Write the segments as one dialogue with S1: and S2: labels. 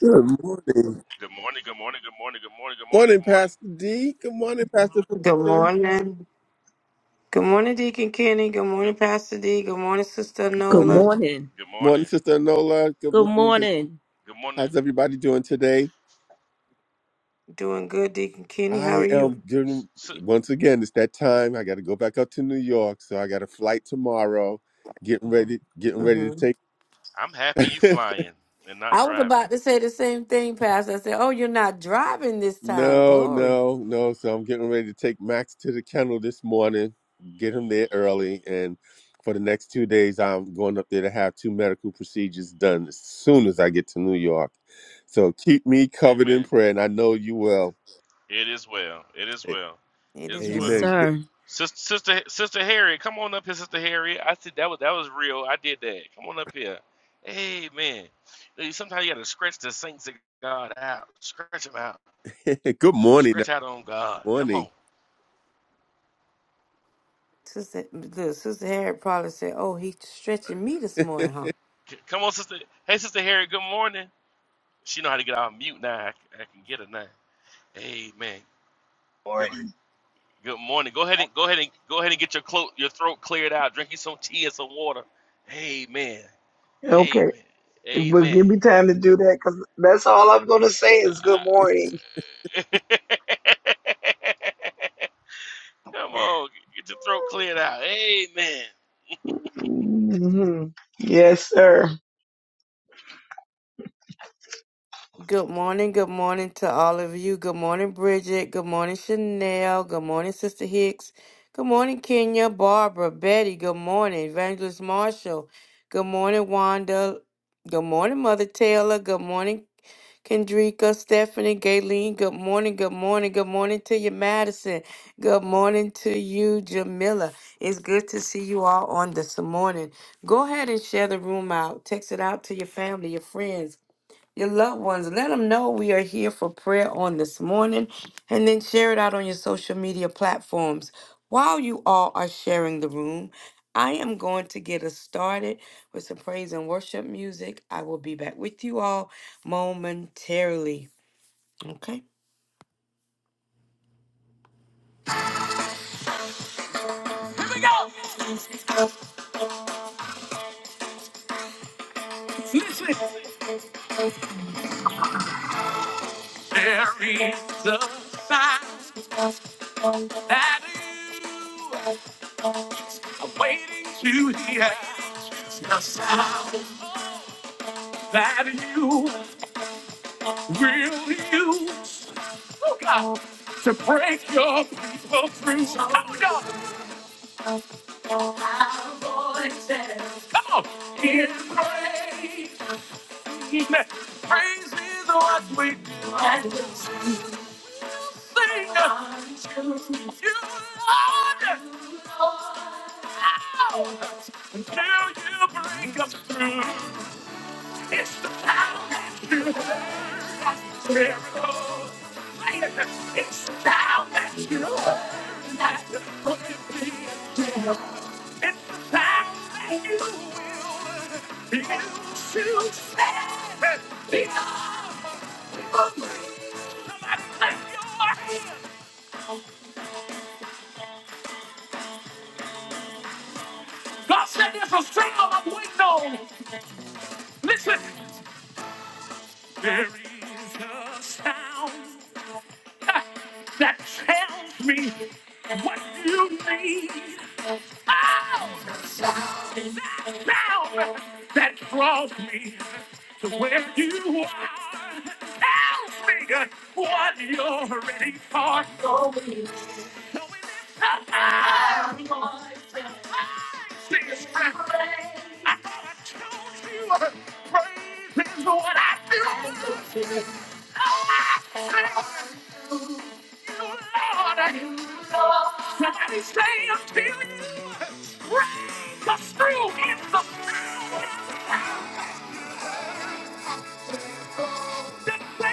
S1: Good morning.
S2: Good morning, good morning, good morning, good morning, good morning,
S1: Morning,
S2: good morning.
S1: Pastor D. Good morning, Pastor
S3: Good
S1: Felicia.
S3: morning. Good morning, Deacon Kenny. Good
S2: Good,
S3: morning, Pastor D. Good morning, Sister
S4: Good
S1: Morning.
S3: Nola.
S4: morning.
S2: good
S1: Morning,
S2: morning.
S1: Sister Nola. Good
S4: Good
S1: morning. Good-
S4: morning.
S2: Good morning.
S1: How's everybody doing today?
S3: Doing good, Deacon Kenny. How
S1: I
S3: are you?
S1: am doing,
S2: S- s-
S1: once again, it's that time. I got to go back up to New York. So I got a flight tomorrow. Getting ready, getting ready
S3: hmm
S1: to
S2: I'm happy you
S1: take.
S2: flying and not
S3: I was
S2: driving.
S3: about to say the same thing, Pastor. I said, "Oh, you're not driving this time."
S1: No,
S3: Glory.
S1: no, no. So I'm getting ready to take Max to the kennel this morning, get him there early, and for the next two days, I'm going up there to have two medical procedures done as soon as I get to New York. So keep me covered in
S2: Amen.
S1: prayer, and I know you will.
S2: It is well. It is
S1: A-
S2: well.
S3: It
S2: It is
S3: is
S4: Yes,
S2: well.
S3: well.
S1: Amen.
S4: sir.
S2: Sister, sister, sister Harriet, come on up here, sister Harriet. I said that was that was real. I did that. Come on up here. Amen. Hey, Sometimes you gotta stretch the saints of God out. Stretch them out.
S1: Good, good morning, every
S2: Stretch out on God. Come
S1: morning.
S2: on.
S3: Sister, good. Sister Harriet probably said, "Oh, he's stretching me this morning, huh?"
S2: C- Come on, sister. Hey, sister Harriet. Good morning. She know how to get off mute now. I, c- I can get her now. Hey man, good
S5: morning.
S2: good morning. Go ahead and go ahead and go ahead and get your clo- your throat cleared out. Drink you some tea and some water. Amen.
S5: Okay,
S2: Amen.
S5: well, give
S2: Amen.
S5: me time to do that because that's all I'm going to say is good morning.
S2: I- Come on, get your throat cleared out. Amen.
S5: hmm Yes, sir.
S3: Good morning. Good morning to all of you. Good morning, Bridget. Good morning, Chanel. Good morning, Sister Hicks. Good morning, Kenya, Barbara, Betty. Good morning, Evangelist Marshall. Good morning, Wanda. Good morning, Mother Taylor. Good morning, Kendrika, Stephanie, Gayleen. Good morning. Good morning. Good morning to you, Madison. Good morning to you, Jamila. It's good to see you all on this morning. Go ahead and share the room out. Text it out to your family, your friends your loved ones. Let them know we are here for prayer on this morning and then share it out on your social media platforms. While you all are sharing the room, I am going to get us started with some praise and worship music. I will be back with you all momentarily. Okay? Here we go. Listen. There is a sign that you are waiting to hear. It's the sound that you will you oh God, to break your people through. Oh God, come on. In praise, praise is what we do. Sing you, Lord, out until you bring us through. It's the power that keeps miracles. It's the power that you that It's the time that you will begin to stand. Be Somebody clap God said there's a sound I'm waiting on. Listen. There is a sound uh, that tells me what you need. Oh, down that draws me to where you are. Tell me what you're ready for. So we lift up our voices. I thought I told you uh, praise is what I do. Oh, I thank you, Lord. Somebody say until you praise us through in the power. There's a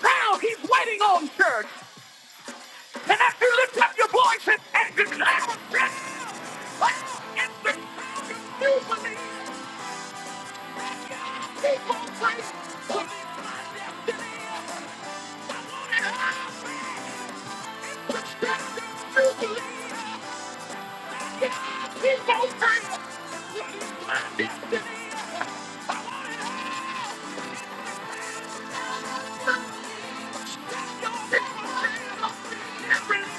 S3: sound he's waiting on, church. And as you lift up your voice and, and declare this, oh, in this you believe, keep on praying. Believe my destiny. I want it all. It's the strength that you can release.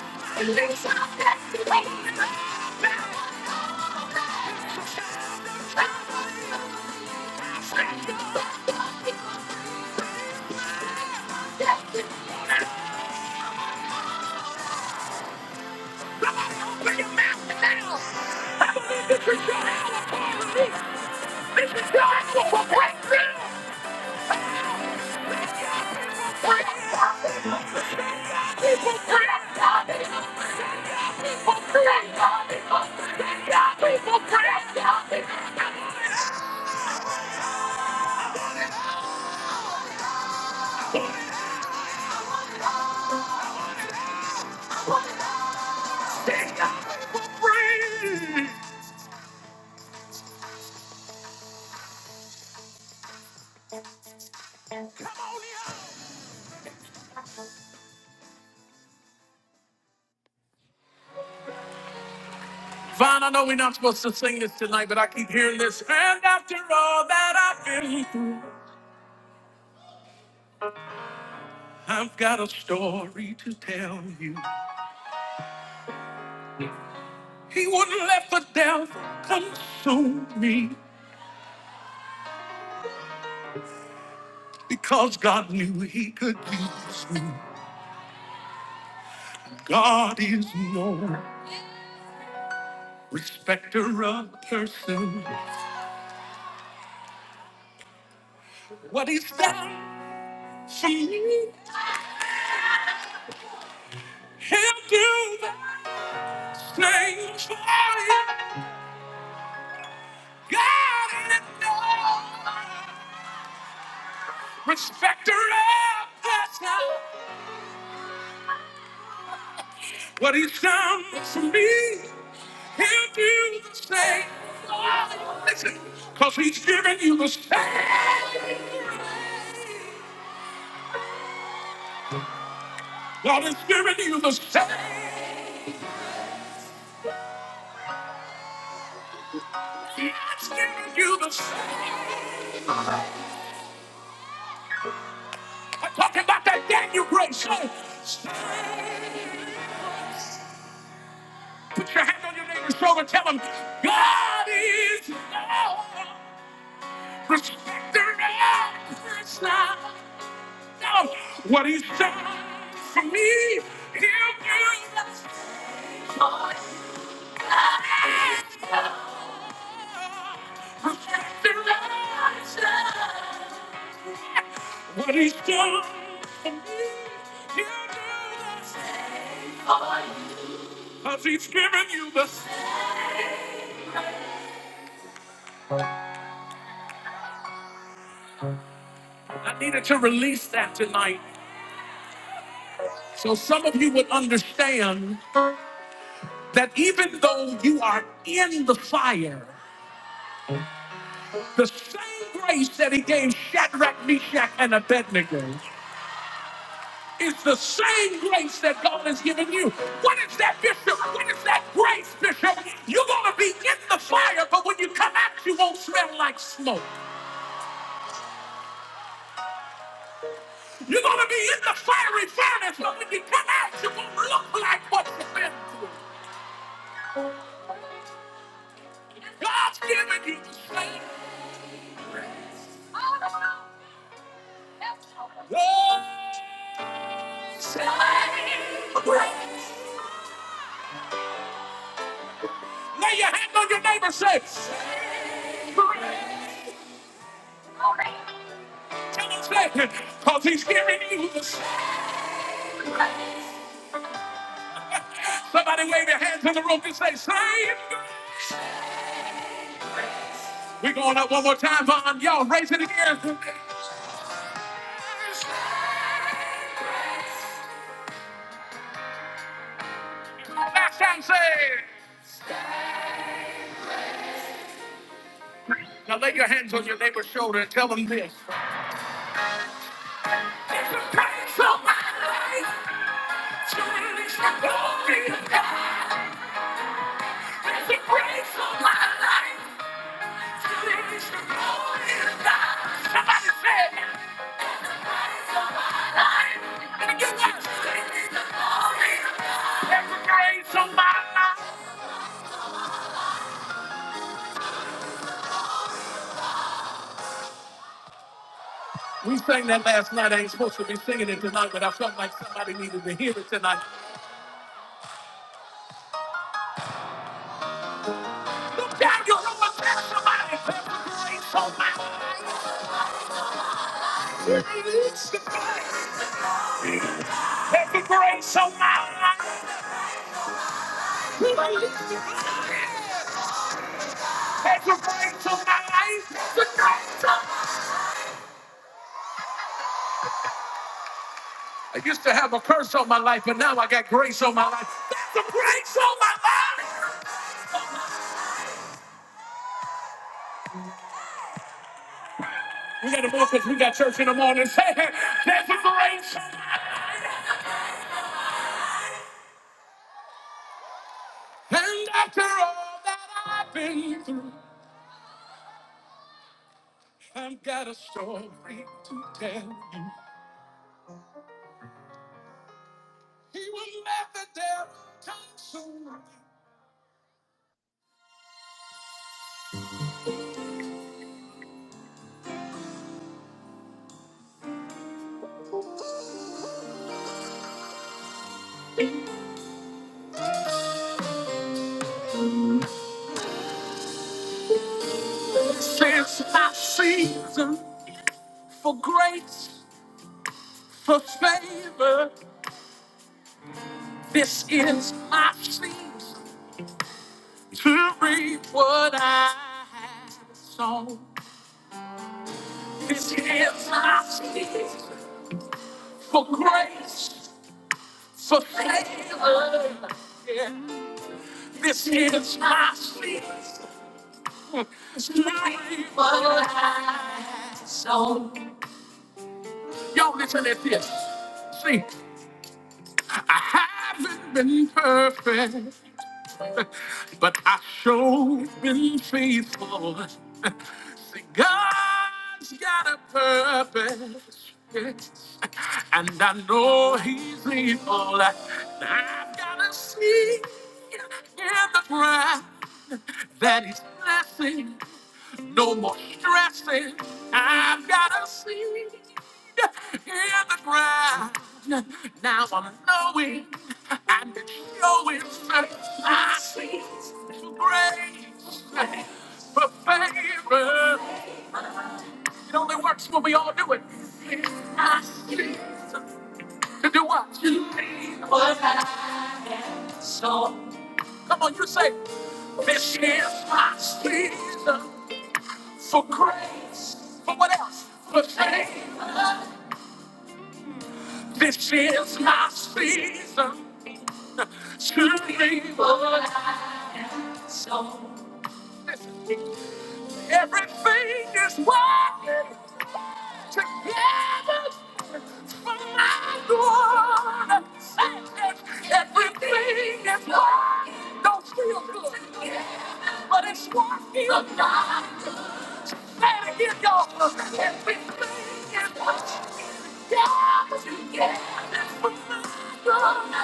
S3: Come on, open your mouth now. I believe this is your hour for release. This is your hour for breakthrough. Pray, people pray, people pray, people pray, people pray. Vaughn, I know we're not supposed to sing this tonight, but I keep hearing this. And after all that I've been through, I've got a story to tell you. He wouldn't let the devil consume me because God knew he could use me. God is no respecter of person. What he's done for me, he'll do that. Names for you, God in love, respecter of the sound. What he's done for me, he'll do the same. Oh, listen, cause he's given you the same. God has given you the same. God's given you the same. I'm talking about that Daniel grace. Oh, Same. Put your hand on your neighbor's shoulder. Tell him, God is love. Respect the reverence now. Tell him what he's done for me. He'll do the same for God is love. Respect and reverence now. What he's done for me. He'll do the same. 'Cause he's given you the same. I needed to release that tonight so some of you would understand that even though you are in the fire, the same grace that he gave Shadrach, Meshach, and Abednego is the same grace that God has given you. What is that, Bishop? What is that grace, Bishop? You're going to be in the fire, but when you come out, you won't smell like smoke. You're going to be in the fiery furnace, but when you come out, you won't look like what you've been through. God's given you the strength. Lay your hand on your neighbor's say, tell him, say, because he's giving you the strength. Somebody wave your hands in the room and say, "Save." We're going up one more time, Vaughn. Y'all raise it again. Last time, say, now lay your hands on your neighbor's shoulder and tell them this. There's a price on my life. It's a praise for my life. We sang that last night. I ain't supposed to be singing it tonight, but I felt like somebody needed to hear it tonight. Look down, you know what? Tell somebody, let the grace on my life. Let the grace on my life. Let the grace on my life. The grace on my life. I used to have a curse on my life, but now I got grace on my life. There's a grace on my life. We got to move because we got church in the morning. Say, there's a grace. on my life." And after all that I've been through, I've got a story to tell you. He will let the devil come soon. Since my season for grace, for favor, this is my season. to reap what I have sown. This is my season for grace, for favor. This is my season to reap what I have sown. Y'all listen at this. See, I haven't been perfect. but I sure been faithful. See, God's got a purpose, yes, and I know He's able. And I've got a seed in the ground that He's blessing. No more stressing. I've got a seed the ground. Now I'm knowing and it's showing I see grace for favor. It only works when we all do it. I see to do what? To be what I saw. Come on, you say, this is my season for grace. For what else? For favor. This is my season to leave a song. Everything is working together for my good. Everything is working. Don't feel good, but it's working. Say it again, y'all. Everything is working together for my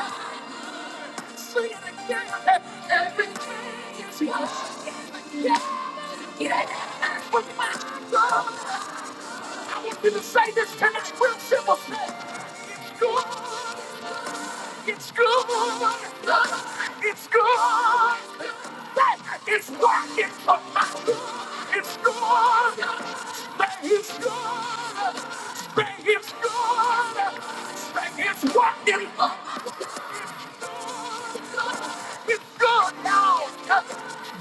S3: good. Sing again. Every day is yours. Yeah, yeah, with my soul. I want you to say this to It's real simple. Say, It's good. It's good. It's good. Say, It's working for my good. It's good. Say it's good. Say it's good. Say it's working. for my good. It's good now.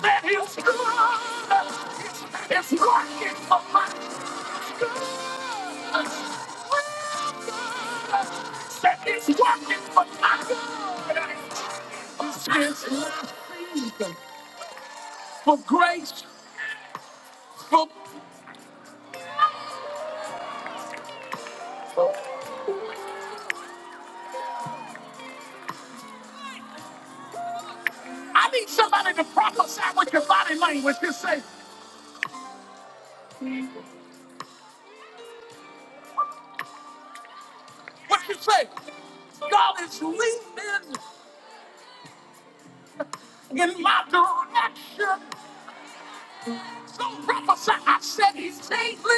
S3: Man, it's good. It's working for my good. Said it's working for my good. It's for grace. For I need somebody to prophesy with your body language. Just say, what you say? God is leaning in my direction. Don't prophesy. I said he's safely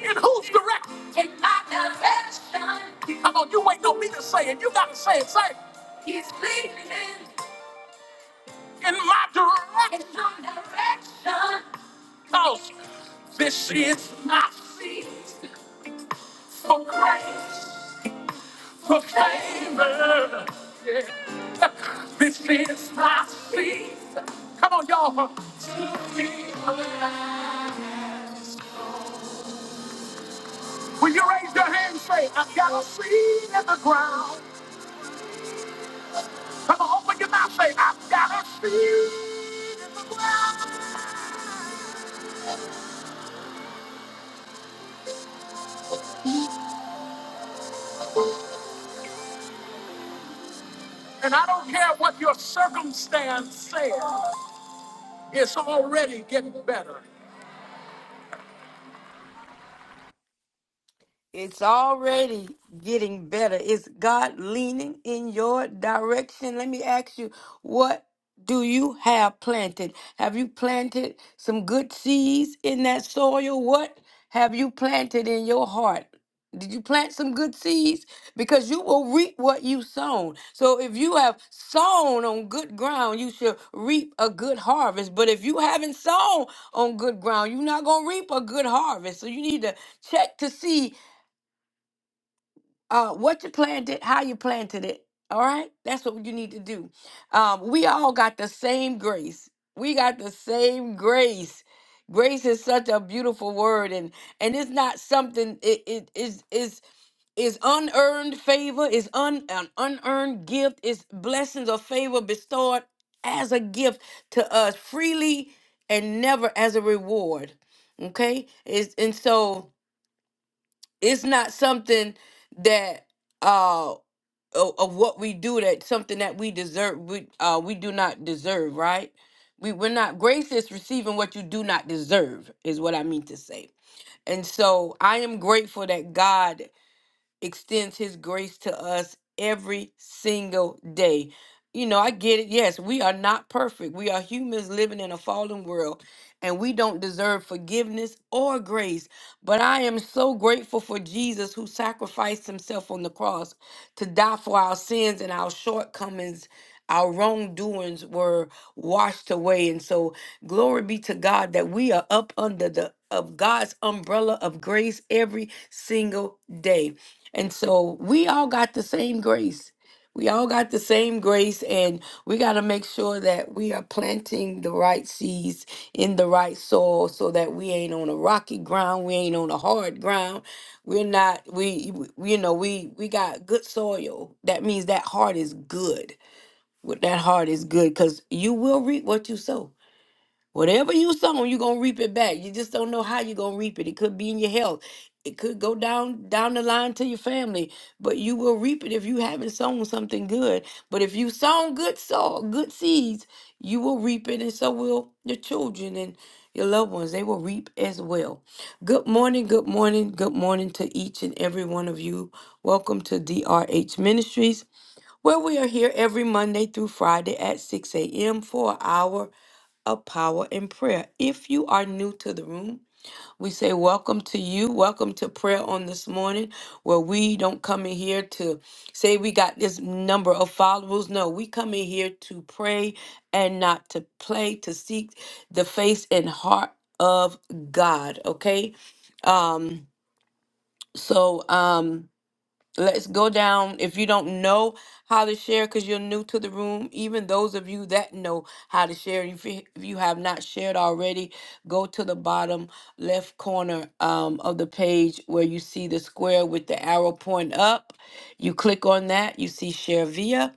S3: in whose direction? In my direction. Come on, you ain't no me to say it. You gotta say it. Say it. He's leading in my direction. In my direction. Cause this is my season for grace, for favor. Yeah. This is my season. Come on, y'all. To be alive. When you raise your hand, say, I've got a seed in the ground. Come on, open your mouth, say, I've got a seed in the ground. And I don't care what your circumstance says, it's already getting better. It's already getting better. Is God leaning in your direction? Let me ask you, what do you have planted? Have you planted some good seeds in that soil? What have you planted in your heart? Did you plant some good seeds? Because you will reap what you sown. So if you have sown on good ground, you should reap a good harvest. But if you haven't sown on good ground, you're not going to reap a good harvest. So you need to check to see uh, what you planted, how you planted it. All right, that's what you need to do. Um, we all got the same grace. We got the same grace. Grace is such a beautiful word, and and it's not something. It it is is is unearned favor, is un, an unearned gift, is blessings or favor bestowed as a gift to us freely and never as a reward. Okay? Is and so it's not something that uh of, of what we do that something that we deserve we uh we do not deserve right we we're not grace is receiving what you do not deserve is what i mean to say and so i am grateful that god extends his grace to us every single day. You know, I get it. Yes, we are not perfect. We are humans living in a fallen world and we don't deserve forgiveness or grace. But I am so grateful for Jesus who sacrificed himself on the cross to die for our sins and our shortcomings. Our wrongdoings were washed away. And so, glory be to God that we are up under the of God's umbrella of grace every single day. And so we all got the same grace. We all got the same grace, and we got to make sure that we are planting the right seeds in the right soil so that we ain't on a rocky ground. We ain't on a hard ground. We're not, we, we- you know, we, we got good soil. That means that heart is good. What That heart is good because you will reap what you sow. Whatever you sow, you're gonna reap it back. You just don't know how you're gonna reap it. It could be in your health. It could go down down the line to your family, but you will reap it if you haven't sown something good. But if you sown good sow good seeds, you will reap it, and so will your children and your loved ones. They will reap as well. Good morning, good morning, good morning to each and every one of you. Welcome to DRH Ministries where we are here every Monday through Friday at 6 a.m. for an hour of power and prayer. If you are new to the room, we say welcome to you. Welcome to prayer on this morning, where we don't come in here to say we got this number of followers. No, we come in here to pray and not to play, to seek the face and heart of God. Okay. Um, so um Let's go down. If you don't know how to share because you're new to the room, even those of you that know how to share, if you, if you have not shared already, go to the bottom left corner um, of the page where you see the square with the arrow pointing up. You click on that, you see share via.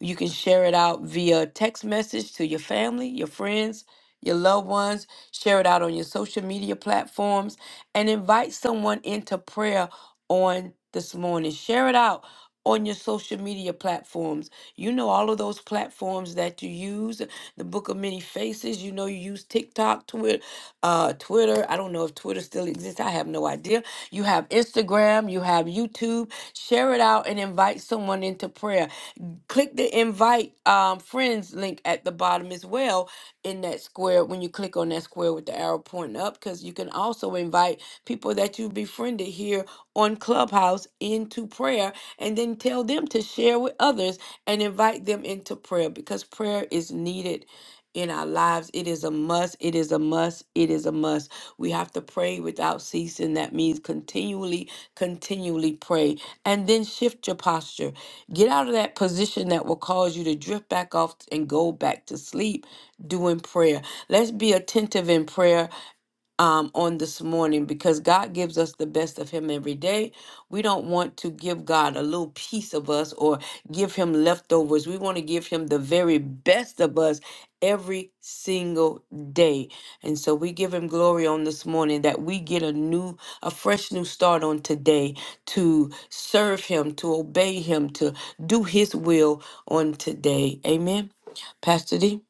S3: You can share it out via text message to your family, your friends your loved ones, share it out on your social media platforms, and invite someone into prayer on this morning. Share it out on your social media platforms. You know, all of those platforms that you use, the Book of Many Faces, you know, you use TikTok, Twitter, uh, Twitter. I don't know if Twitter still exists. I have no idea. You have Instagram, you have YouTube. Share it out and invite someone into prayer click the invite um, friends link at the bottom as well in that square when you click on that square with the arrow pointing up because you can also invite people that you befriended here on Clubhouse into prayer and then tell them to share with others and invite them into prayer because prayer is needed in our lives. It is a must. It is a must. It is a must. We have to pray without ceasing. That means continually, continually pray. And then shift your posture. Get out of that position that will cause you to drift back off and go back to sleep doing prayer. Let's be attentive in prayer um, on this morning because God gives us the best of Him every day. We don't want to give God a little piece of us or give Him leftovers. We want to give Him the very best of us every single day. And so we give Him glory on this morning that we get a new, a fresh new start on today to serve Him, to obey Him, to do His will on today. Amen. Pastor D.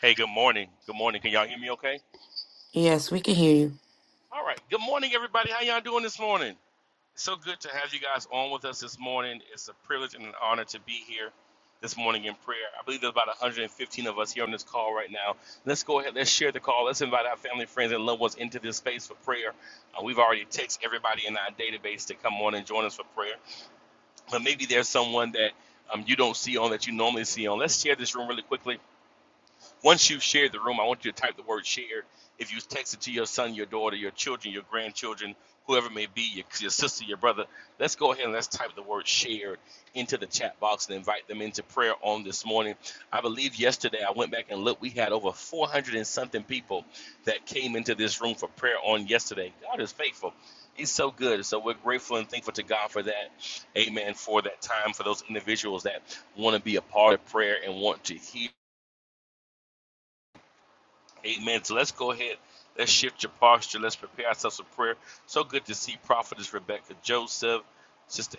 S2: Hey, good morning. Good morning. Can y'all hear me okay?
S3: Yes, we can hear you.
S2: All right. Good morning, everybody. How y'all doing this morning? So good to have you guys on with us this morning. It's a privilege and an honor to be here this morning in prayer. I believe there's about 115 of us here on this call right now. Let's go ahead, let's share the call. Let's invite our family, friends, and loved ones into this space for prayer. Uh, we've already texted everybody in our database to come on and join us for prayer. But maybe there's someone that um, you don't see on that you normally see on. Let's share this room really quickly. Once you've shared the room, I want you to type the word shared. If you text it to your son, your daughter, your children, your grandchildren, whoever it may be, your, your sister, your brother, let's go ahead and let's type the word shared into the chat box and invite them into prayer on this morning. I believe yesterday I went back and looked, we had over 400 and something people that came into this room for prayer on yesterday. God is faithful. He's so good. So we're grateful and thankful to God for that. Amen. For that time, for those individuals that want to be a part of prayer and want to hear Amen. So let's go ahead. Let's shift your posture. Let's prepare ourselves for prayer. So good to see Prophetess Rebecca Joseph, Sister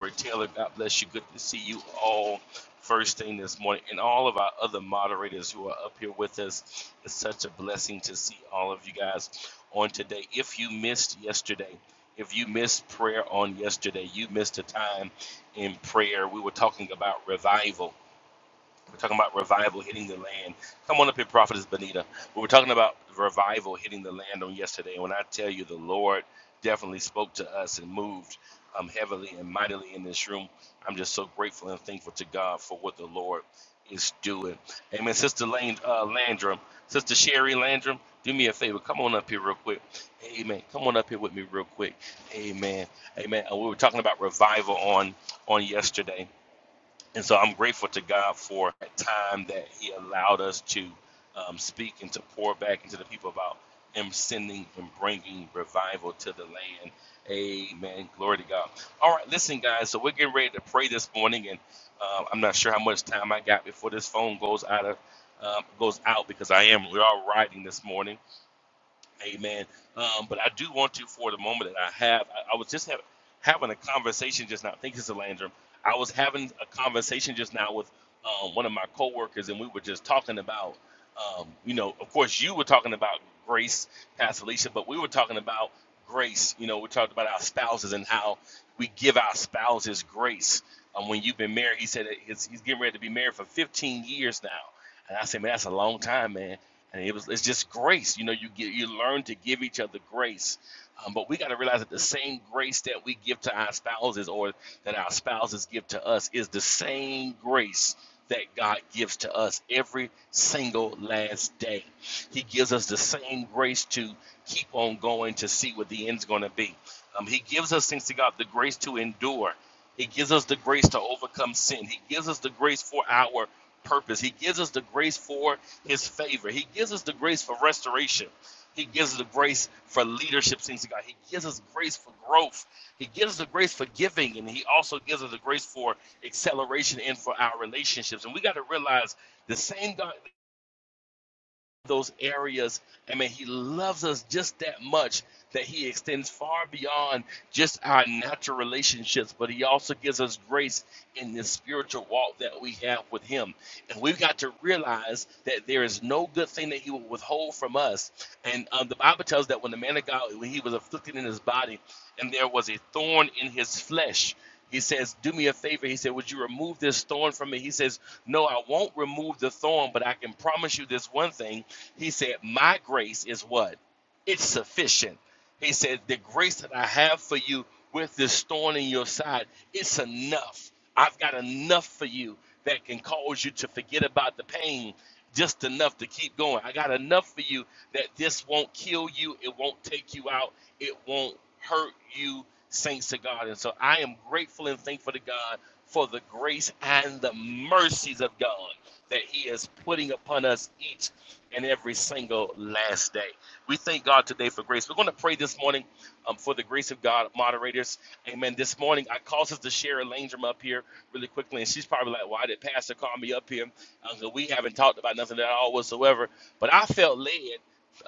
S2: Henry Taylor. God bless you. Good to see you all first thing this morning, and all of our other moderators who are up here with us. It's such a blessing to see all of you guys on today. If you missed yesterday, if you missed prayer on yesterday, you missed a time in prayer. We were talking about revival we're talking about revival hitting the land. Come on up here, Prophetess Benita. We were talking about revival hitting the land on yesterday. And When I tell you the Lord definitely spoke to us and moved um, heavily and mightily in this room, I'm just so grateful and thankful to God for what the Lord is doing. Amen. Sister Lane, uh, Landrum, Sister Sherry Landrum, do me a favor. Come on up here real quick. Amen. Come on up here with me real quick. Amen. Amen. And we were talking about revival on on yesterday and so I'm grateful to God for that time that He allowed us to um, speak and to pour back into the people about Him sending and bringing revival to the land. Amen. Glory to God. All right, listen, guys. So we're getting ready to pray this morning, and uh, I'm not sure how much time I got before this phone goes out of um, goes out because I am we are riding this morning. Amen. Um, but I do want to, for the moment that I have, I, I was just having having a conversation just now. Thank you, Sister Landrum. I was having a conversation just now with um, one of my coworkers, and we were just talking about, um, you know, of course, you were talking about grace, Pastor Alicia, but we were talking about grace. You know, we talked about our spouses and how we give our spouses grace. Um, when you've been married, he said that he's, he's getting ready to be married for 15 years now. And I said, man, that's a long time, man and it was it's just grace you know you get you learn to give each other grace um, but we got to realize that the same grace that we give to our spouses or that our spouses give to us is the same grace that God gives to us every single last day. He gives us the same grace to keep on going to see what the end's going to be. Um, he gives us, thanks to God, the grace to endure. He gives us the grace to overcome sin. He gives us the grace for our purpose. He gives us the grace for his favor. He gives us the grace for restoration. He gives us the grace for leadership, things of God. He gives us grace for growth. He gives us the grace for giving, and he also gives us the grace for acceleration and for our relationships. And we got to realize the same God, those areas, I mean, he loves us just that much that He extends far beyond just our natural relationships, but He also gives us grace in this spiritual walk that we have with Him. And we've got to realize that there is no good thing that He will withhold from us. And um, the Bible tells that when the man of God, when he was afflicted in his body, and there was a thorn in his flesh. He says, Do me a favor. He said, Would you remove this thorn from me? He says, No, I won't remove the thorn, but I can promise you this one thing. He said, My grace is what? It's sufficient. He said, The grace that I have for you with this thorn in your side, it's enough. I've got enough for you that can cause you to forget about the pain just enough to keep going. I got enough for you that this won't kill you, it won't take you out, it won't hurt you, saints of God. And so I am grateful and thankful to God for the grace and the mercies of God that He is putting upon us each and every single last day. We thank God today for grace. We're going to pray this morning um, for the grace of God, moderators. Amen. This morning, I caused us to share Elaine from up here really quickly, and she's probably like, why did Pastor call me up here? Uh, 'cause we haven't talked about nothing at all whatsoever. But I felt led,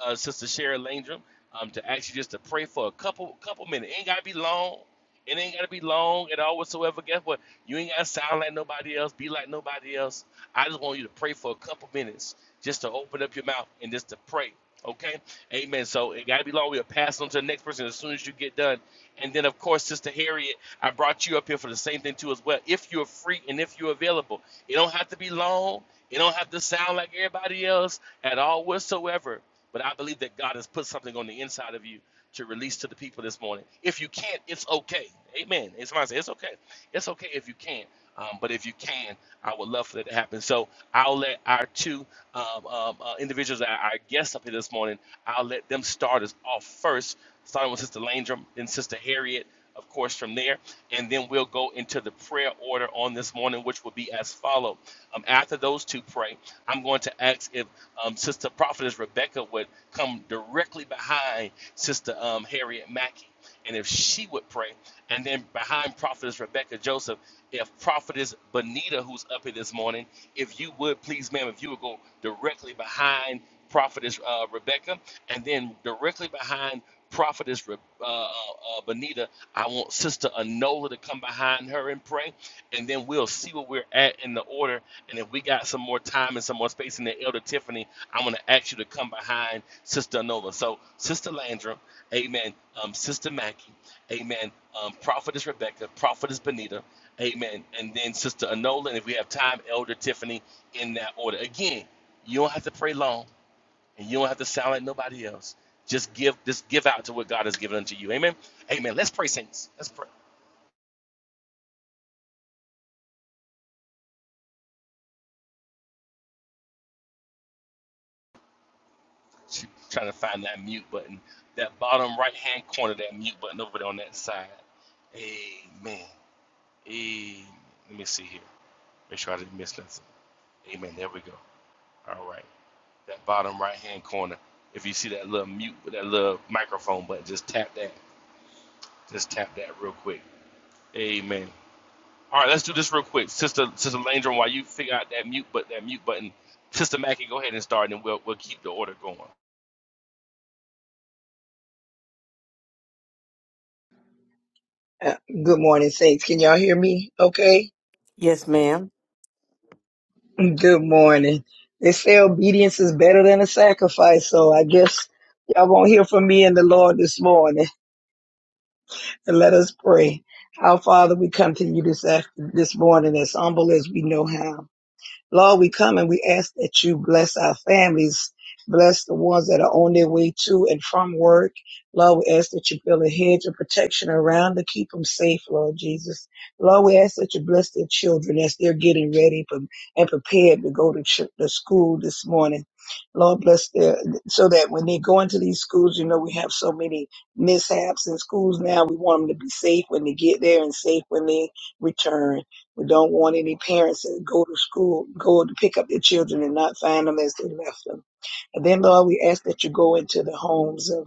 S2: uh, Sister Sharon Landrum, um, to actually just to pray for a couple couple minutes. It ain't got to be long. It ain't got to be long at all whatsoever. Guess what? You ain't got to sound like nobody else, be like nobody else. I just want you to pray for a couple minutes, just to open up your mouth and just to pray. Okay? Amen. So it gotta be long. We'll pass on to the next person as soon as you get done. And then of course, Sister Harriet, I brought you up here for the same thing too as well. If you're free and if you're available, it don't have to be long. It don't have to sound like everybody else at all whatsoever. But I believe that God has put something on the inside of you to release to the people this morning. If you can't, it's okay. Amen. It's my say, it's okay. It's okay if you can't. Um, but if you can, I would love for that to happen. So I'll let our two um, um, uh, individuals that are our guests up here this morning, I'll let them start us off first, starting with Sister Landrum and Sister Harriet, of course, from there. And then we'll go into the prayer order on this morning, which will be as follow. Um, after those two pray, I'm going to ask if um, Sister Prophetess Rebecca would come directly behind Sister um, Harriet Mackey and if she would pray, and then behind prophetess Rebecca Joseph, if prophetess Bonita, who's up here this morning, if you would please, ma'am, if you would go directly behind prophetess uh, Rebecca, and then directly behind prophetess Re- uh, uh, Bonita, I want sister Anola to come behind her and pray, and then we'll see where we're at in the order. And if we got some more time and some more space in the Elder Tiffany, I'm going to ask you to come behind Sister Anola. So, Sister Landrum, amen. Um, Sister Mackie, amen. Um, Prophetess Rebecca, Prophetess Benita, amen. And then Sister Anola. And if we have time, Elder Tiffany in that order. Again, you don't have to pray long and you don't have to sound like nobody else. Just give, just give out to what God has given unto you. Amen. Amen. Let's pray, saints. Let's pray. She trying to find that mute button, that bottom right hand corner, that mute button over there on that side. Amen. Amen. Let me see here. Make sure I didn't miss nothing. Amen. There we go. All right. That bottom right hand corner. If you see that little mute with that little microphone button, just tap that. Just tap that real quick. Amen. All right, let's do this real quick. Sister Sister Landrum, while you figure out that mute but that mute button, Sister Mackie, go ahead and start and we'll we'll keep the order going.
S5: Uh, Good morning, Saints. Can y'all hear me? Okay.
S3: Yes, ma'am.
S5: Good morning. They say obedience is better than a sacrifice, so I guess y'all won't hear from me and the Lord this morning. And let us pray. Our Father, we come to you this after, this morning as humble as we know how. Lord, we come and we ask that you bless our families, bless the ones that are on their way to and from work. Lord, we ask that you build a hedge of protection around to keep them safe, Lord Jesus. Lord, we ask that you bless their children as they're getting ready pre- and prepared to go to, ch- to school this morning. Lord, bless their, so that when they go into these schools, you know, we have so many mishaps in schools now. We want them to be safe when they get there and safe when they return. We don't want any parents that go to school, go to pick up their children and not find them as they left them. And then, Lord, we ask that you go into the homes of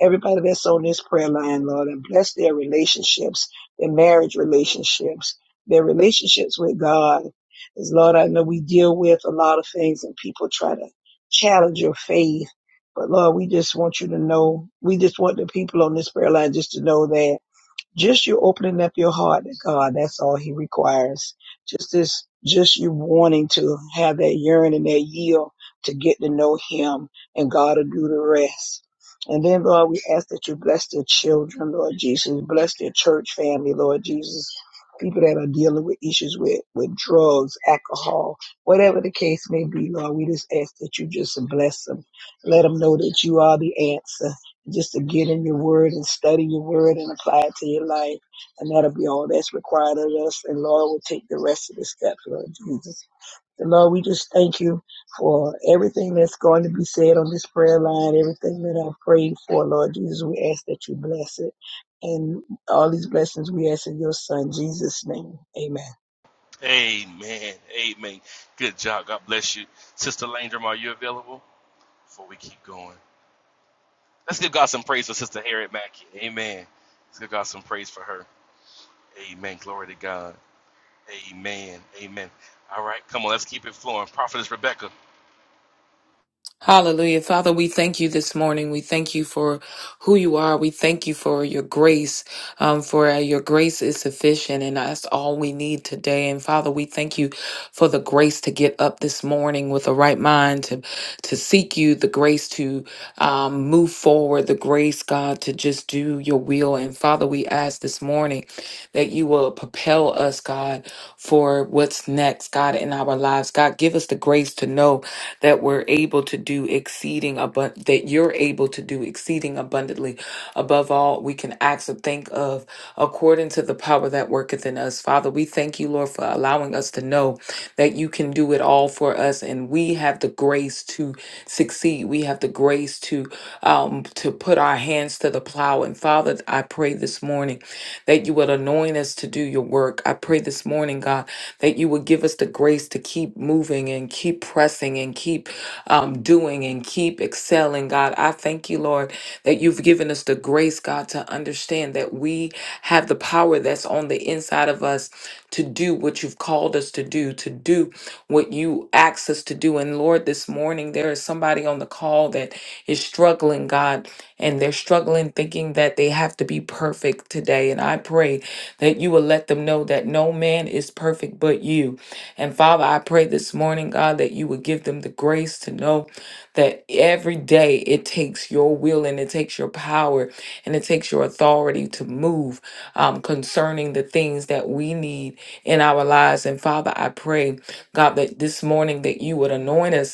S5: everybody that's on this prayer line, Lord, and bless their relationships, their marriage relationships, their relationships with God. Because, Lord, I know we deal with a lot of things and people try to challenge your faith. But Lord, we just want you to know, we just want the people on this prayer line just to know that. Just you opening up your heart to God, that's all He requires. Just this, just you wanting to have that yearning, that yield to get to know Him, and God will do the rest. And then, Lord, we ask that you bless their children, Lord Jesus. Bless their church family, Lord Jesus. People that are dealing with issues with, with drugs, alcohol, whatever the case may be, Lord, we just ask that you just bless them. Let them know that you are the answer just to get in your word and study your word and apply it to your life. And that'll be all that's required of us. And Lord will take the rest of the steps, Lord Jesus. And Lord, we just thank you for everything that's going to be said on this prayer line, everything that I've prayed for, Lord Jesus. We ask that you bless it. And all these blessings we ask in your son, Jesus' name. Amen.
S2: Amen. Amen. Good job. God bless you. Sister Landrum, are you available? Before we keep going. Let's give God some praise for Sister Harriet Mackey. Amen. Let's give God some praise for her. Amen. Glory to God. Amen. Amen. All right, come on, let's keep it flowing. Prophetess Rebecca.
S6: Hallelujah. Father, we thank you this morning. We thank you for who you are. We thank you for your grace, um, for uh, your grace is sufficient, and that's all we need today. And Father, we thank you for the grace to get up this morning with the right mind, to, to seek you, the grace to um, move forward, the grace, God, to just do your will. And Father, we ask this morning that you will propel us, God, for what's next, God, in our lives. God, give us the grace to know that we're able to do exceeding abundant, that you're able to do exceeding abundantly above all we can ask or think of according to the power that worketh in us. Father, we thank you, Lord, for allowing us to know that you can do it all for us and we have the grace to succeed. We have the grace to um to put our hands to the plow. And Father, I pray this morning that you would anoint us to do your work. I pray this morning, God, that you would give us the grace to keep moving and keep pressing and keep um, doing and keep excelling, God. I thank you, Lord, that you've given us the grace, God, to understand that we have the power that's on the inside of us to do what you've called us to do, to do what you asked us to do. And Lord, this morning, there is somebody on the call that is struggling, God and they're struggling thinking that they have to be perfect today. And I pray that you will let them know that no man is perfect but you. And Father, I pray this morning, God, that you would give them the grace to know that every day it takes your will and it takes your power and it takes your authority to move um, concerning the things that we need in our lives. And Father, I pray, God, that this morning that you would anoint us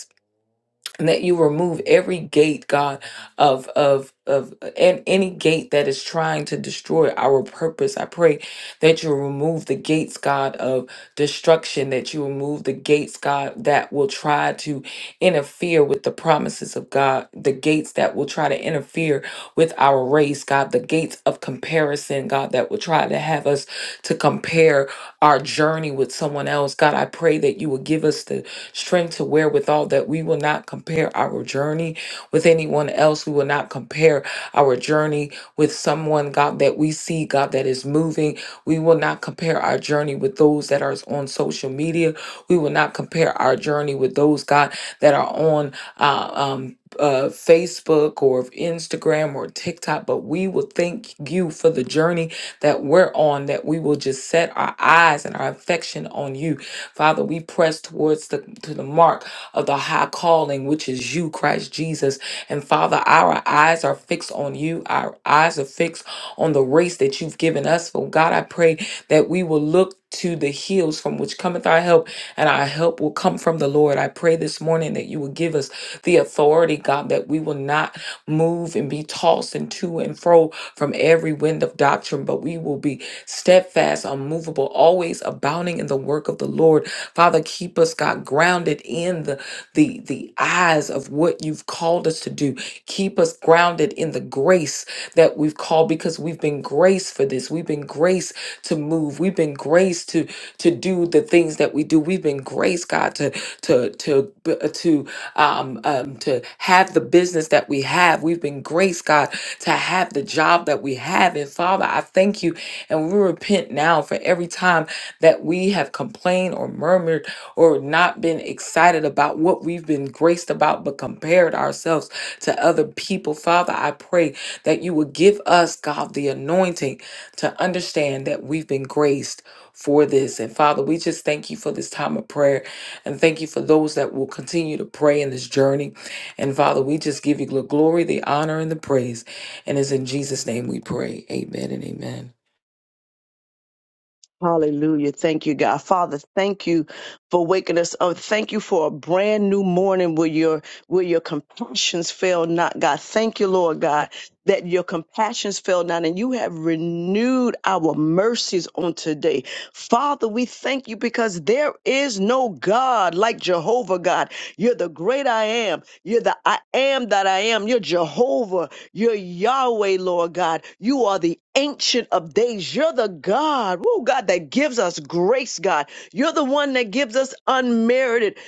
S6: and that you remove every gate god of of of and any gate that is trying to destroy our purpose i pray that you remove the gates god of destruction that you remove the gates god that will try to interfere with the promises of god the gates that will try to interfere with our race god the gates of comparison god that will try to have us to compare our journey with someone else god i pray that you will give us the strength to wherewithal that we will not compare our journey with anyone else. We will not compare our journey with someone, God, that we see, God, that is moving. We will not compare our journey with those that are on social media. We will not compare our journey with those, God, that are on uh, um, uh, Facebook or Instagram or TikTok, but we will thank you for the journey that we're on, that we will just set our eyes and our affection on you Father, we press towards the to the mark of the high calling, which is you, Christ Jesus. And Father, our eyes are fixed on you. Our eyes are fixed on the race that you've given us. For God, I pray that we will look to the hills from which cometh our help, and our help will come from the Lord. I pray this morning that you will give us the authority, God, that we will not move and be tossed and to and fro from every wind of doctrine, but we will be steadfast, unmovable, always abounding in the work of the Lord. Father, keep us, God, grounded in the the the eyes of what you've called us to do. Keep us grounded in the grace that we've called because we've been graced for this. We've been graced to move. We've been graced to to do the things that we do. We've been graced, God, to to to b- uh, to um, um to have the business that we have. We've been graced, God, to have the job that we have. And Father, I thank you, and we repent now for every time that we have complained or murmured or not been excited about what we've been graced about, but compared ourselves to other people. Father, I pray that you would give us, God, the anointing to understand that we've been graced for this. And Father, we just thank you for this time of prayer and thank you for those that will continue to pray in this journey. And Father, we just give you the glory, the honor, and the praise. And it's in Jesus' name we pray. Amen and amen.
S7: Hallelujah. Thank you, God. Father, thank you for waking us up. Thank you for a brand new morning where your where your compassions fail not, God. Thank you, Lord God, that your compassions fell down and you have renewed our mercies on today. Father, we thank you because there is no God like Jehovah God. You're the great I am. You're the I am that I am. You're Jehovah. You're Yahweh, Lord God. You are the ancient of days. You're the God, oh God, that gives us grace, God. You're the one that gives us unmerited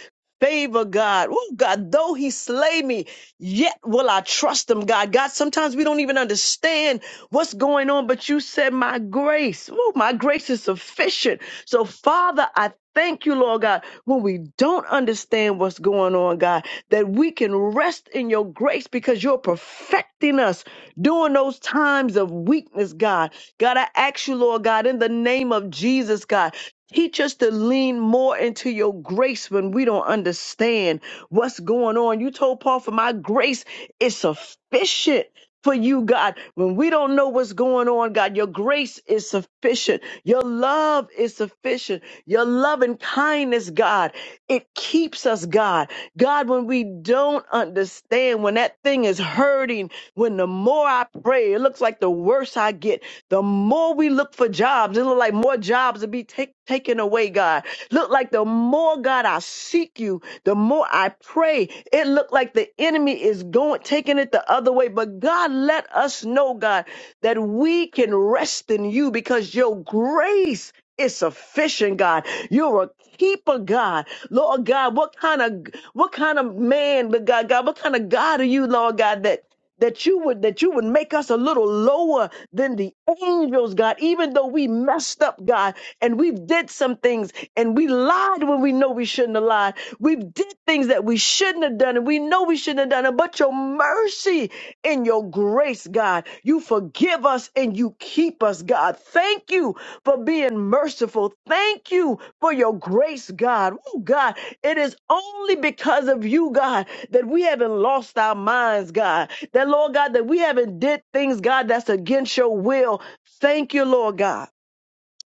S7: favor, God. Oh God, though he slay me, Yet will I trust them, God. God, sometimes we don't even understand what's going on, but you said, My grace, oh, my grace is sufficient. So, Father, I thank you, Lord God, when we don't understand what's going on, God, that we can rest in your grace because you're perfecting us during those times of weakness, God. God, I ask you, Lord God, in the name of Jesus, God. Teach us to lean more into your grace when we don't understand what's going on. You told Paul, for my grace is sufficient for you, God. When we don't know what's going on, God, your grace is sufficient. Your love is sufficient. Your love and kindness, God, it keeps us, God. God, when we don't understand, when that thing is hurting, when the more I pray, it looks like the worse I get. The more we look for jobs, it look like more jobs will be take, taken away, God. Look like the more, God, I seek you, the more I pray. It look like the enemy is going, taking it the other way. But God, let us know, God, that we can rest in you because your grace is sufficient, God. You're a keeper, God. Lord God, what kind of, what kind of man, but God, God, what kind of God are you, Lord God, that that you would that you would make us a little lower than the angels god even though we messed up god and we did some things and we lied when we know we shouldn't have lied we did things that we shouldn't have done and we know we shouldn't have done it but your mercy and your grace god you forgive forgive us and you keep us, God. Thank you for being merciful. Thank you for your grace, God. Oh, God, it is only because of you, God, that we haven't lost our minds, God. That, Lord God, that we haven't did things, God, that's against your will. Thank you, Lord God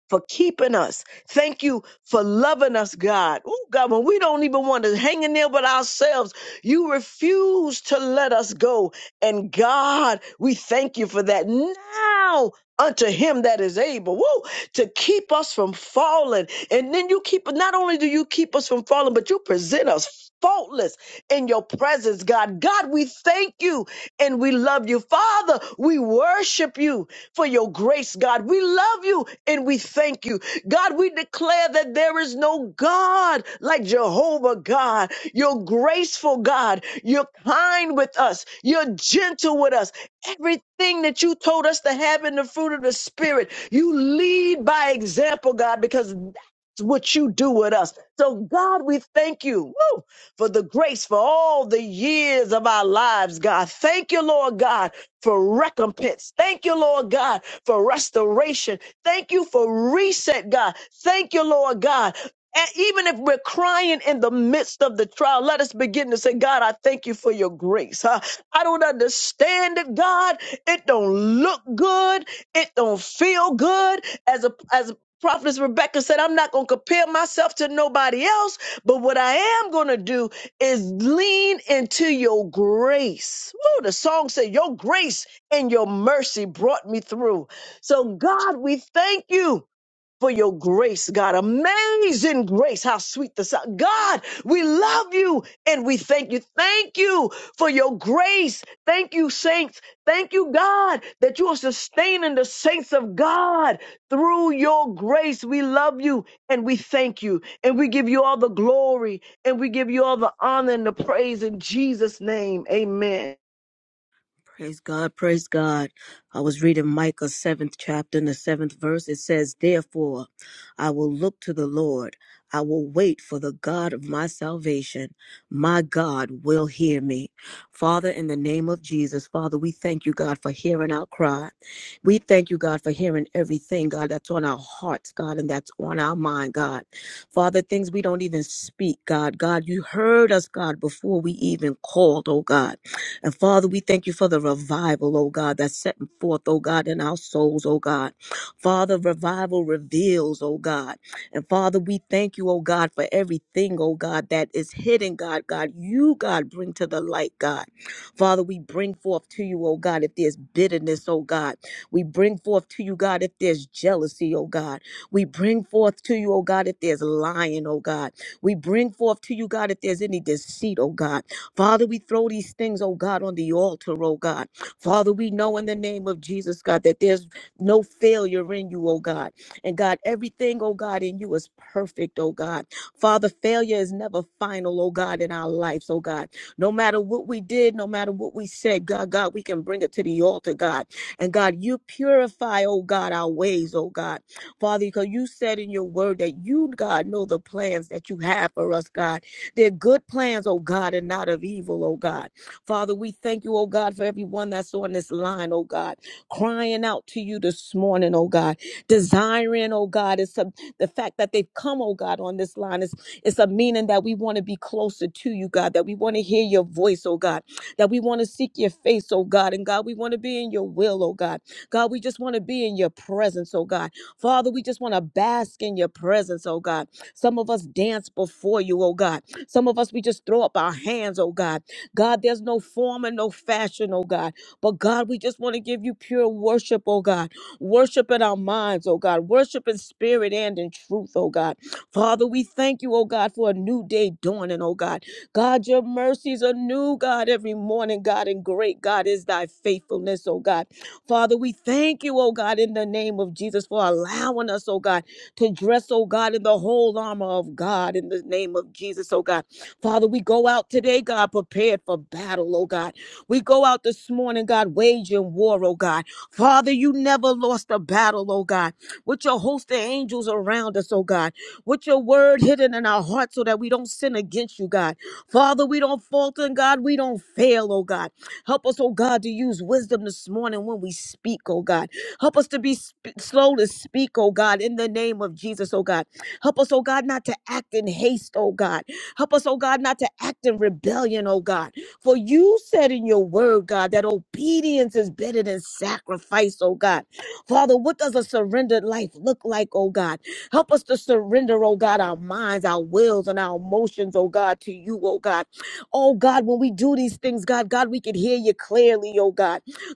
S7: for keeping us. Thank you for loving us, God. Oh, God, when we don't even want to hang in there with ourselves, you refuse to let us go. And God, we thank you for that. Now, unto him that is able woo, to keep us from falling. And then you keep, not only do you keep us from falling, but you present us faultless in your presence, God. God, we thank you and we love you. Father, we worship you for your grace, God. We love you and we thank you. God, we declare that there is no God like Jehovah God. You're graceful, God. You're kind with us. You're gentle with us. Everything that you told us to have in the fruit of the Spirit, you lead by example, God, because that's what you do with us. So, God, we thank you woo, for the grace for all the years of our lives, God. Thank you, Lord God for recompense. Thank you, Lord God, for restoration. Thank you for reset, God. Thank you, Lord God. And even if we're crying in the midst of the trial, let us begin to say, God, I thank you for your grace. huh? I don't understand it, God. It don't look good. It don't feel good. As a as prophetess Rebecca said, I'm not gonna compare myself to nobody else, but what I am gonna do is lean into your grace. Woo, the song said, Your grace and your mercy brought me through. So, God, we thank you for your grace, God. Amazing grace. How sweet the sound. God, we love you and we thank you. Thank you for your grace. Thank you, saints. Thank you, God, that you are sustaining the saints of God through your grace. We love you and we thank you and we give you all the glory and we give you all the honor and the praise in Jesus' name. Amen.
S4: Praise God, praise God. I was reading Micah 7th chapter and the 7th verse. It says, Therefore, I will look to the Lord. I will wait for the God of my salvation. My God will hear me. Father, in the name of Jesus, Father, we thank you, God, for hearing our cry. We thank you, God, for hearing everything, God, that's on our hearts, God, and that's on our mind, God. Father, things we don't even speak, God. God, you heard us, God, before we even called, oh God. And Father, we thank you for the revival, oh God, that's setting forth, oh God, in our souls, oh God. Father, revival reveals, oh God. And Father, we thank you, oh God, for everything, oh God, that is hidden, God, God. You, God, bring to the light, God. Father, we bring forth to you, oh God, if there's bitterness, oh God. We bring forth to you, God, if there's jealousy, oh God. We bring forth to you, oh God, if there's lying, oh God. We bring forth to you, God, if there's any deceit, oh God. Father, we throw these things, oh God, on the altar, oh God. Father, we know in the name of Jesus, God, that there's no failure in you, oh God. And God, everything, oh God, in you is perfect, oh God. Father, failure is never final, oh God, in our lives, oh God. No matter what we did, no matter what we said, God, God, we can bring it to the altar, God. And God, you purify, oh God, our ways, oh God. Father, because you said in your word that you, God, know the plans that you have for us, God they're good plans, oh God, and not of evil, oh God. Father, we thank you, oh God, for everyone that's on this line, oh God, crying out to you this morning, oh God, desiring, oh God, it's a, the fact that they've come, oh God, on this line. It's, it's a meaning that we want to be closer to you, God, that we want to hear your voice, oh God, that we want to seek your face, oh God, and God, we want to be in your will, oh God. God, we just want to be in your presence, oh God. Father, we just want to bask in your presence, oh God. Some of us dance before you, oh God. Some of us, we just throw up our hands, oh God. God, there's no form and no fashion, oh God. But God, we just want to give you pure worship, oh God. Worship in our minds, oh God. Worship in spirit and in truth, oh God. Father, we thank you, oh God, for a new day dawning, oh God. God, your mercies are new, God, every morning, God, and great, God, is thy faithfulness, oh God. Father, we thank you, oh God, in the name of Jesus for allowing us, oh God to dress, oh God, in the whole armor of God in the name of Jesus, oh God. Father, we go out today, God, prepared for battle, oh God. We go out this morning, God, waging war, oh God. Father, you never lost a battle, oh God. With your host of angels around us, oh God. With your word hidden in our hearts so that we don't sin against you, God. Father, we don't falter, and God. We don't fail, oh God. Help us, oh God, to use wisdom this morning when we speak, oh God. Help us to be sp- slow to speak, oh God, in the name of Jesus, oh God. Help us, oh God, not to act in haste, oh God. Help us, oh God, not to act in rebellion, oh God. For you said in your word, God, that obedience is better than sacrifice, oh God. Father, what does a surrendered life look like, oh God? Help us to surrender, oh God, our minds, our wills, and our emotions, oh God, to you, oh God. Oh God, when we do these things, God, God, we can hear you clearly, oh God.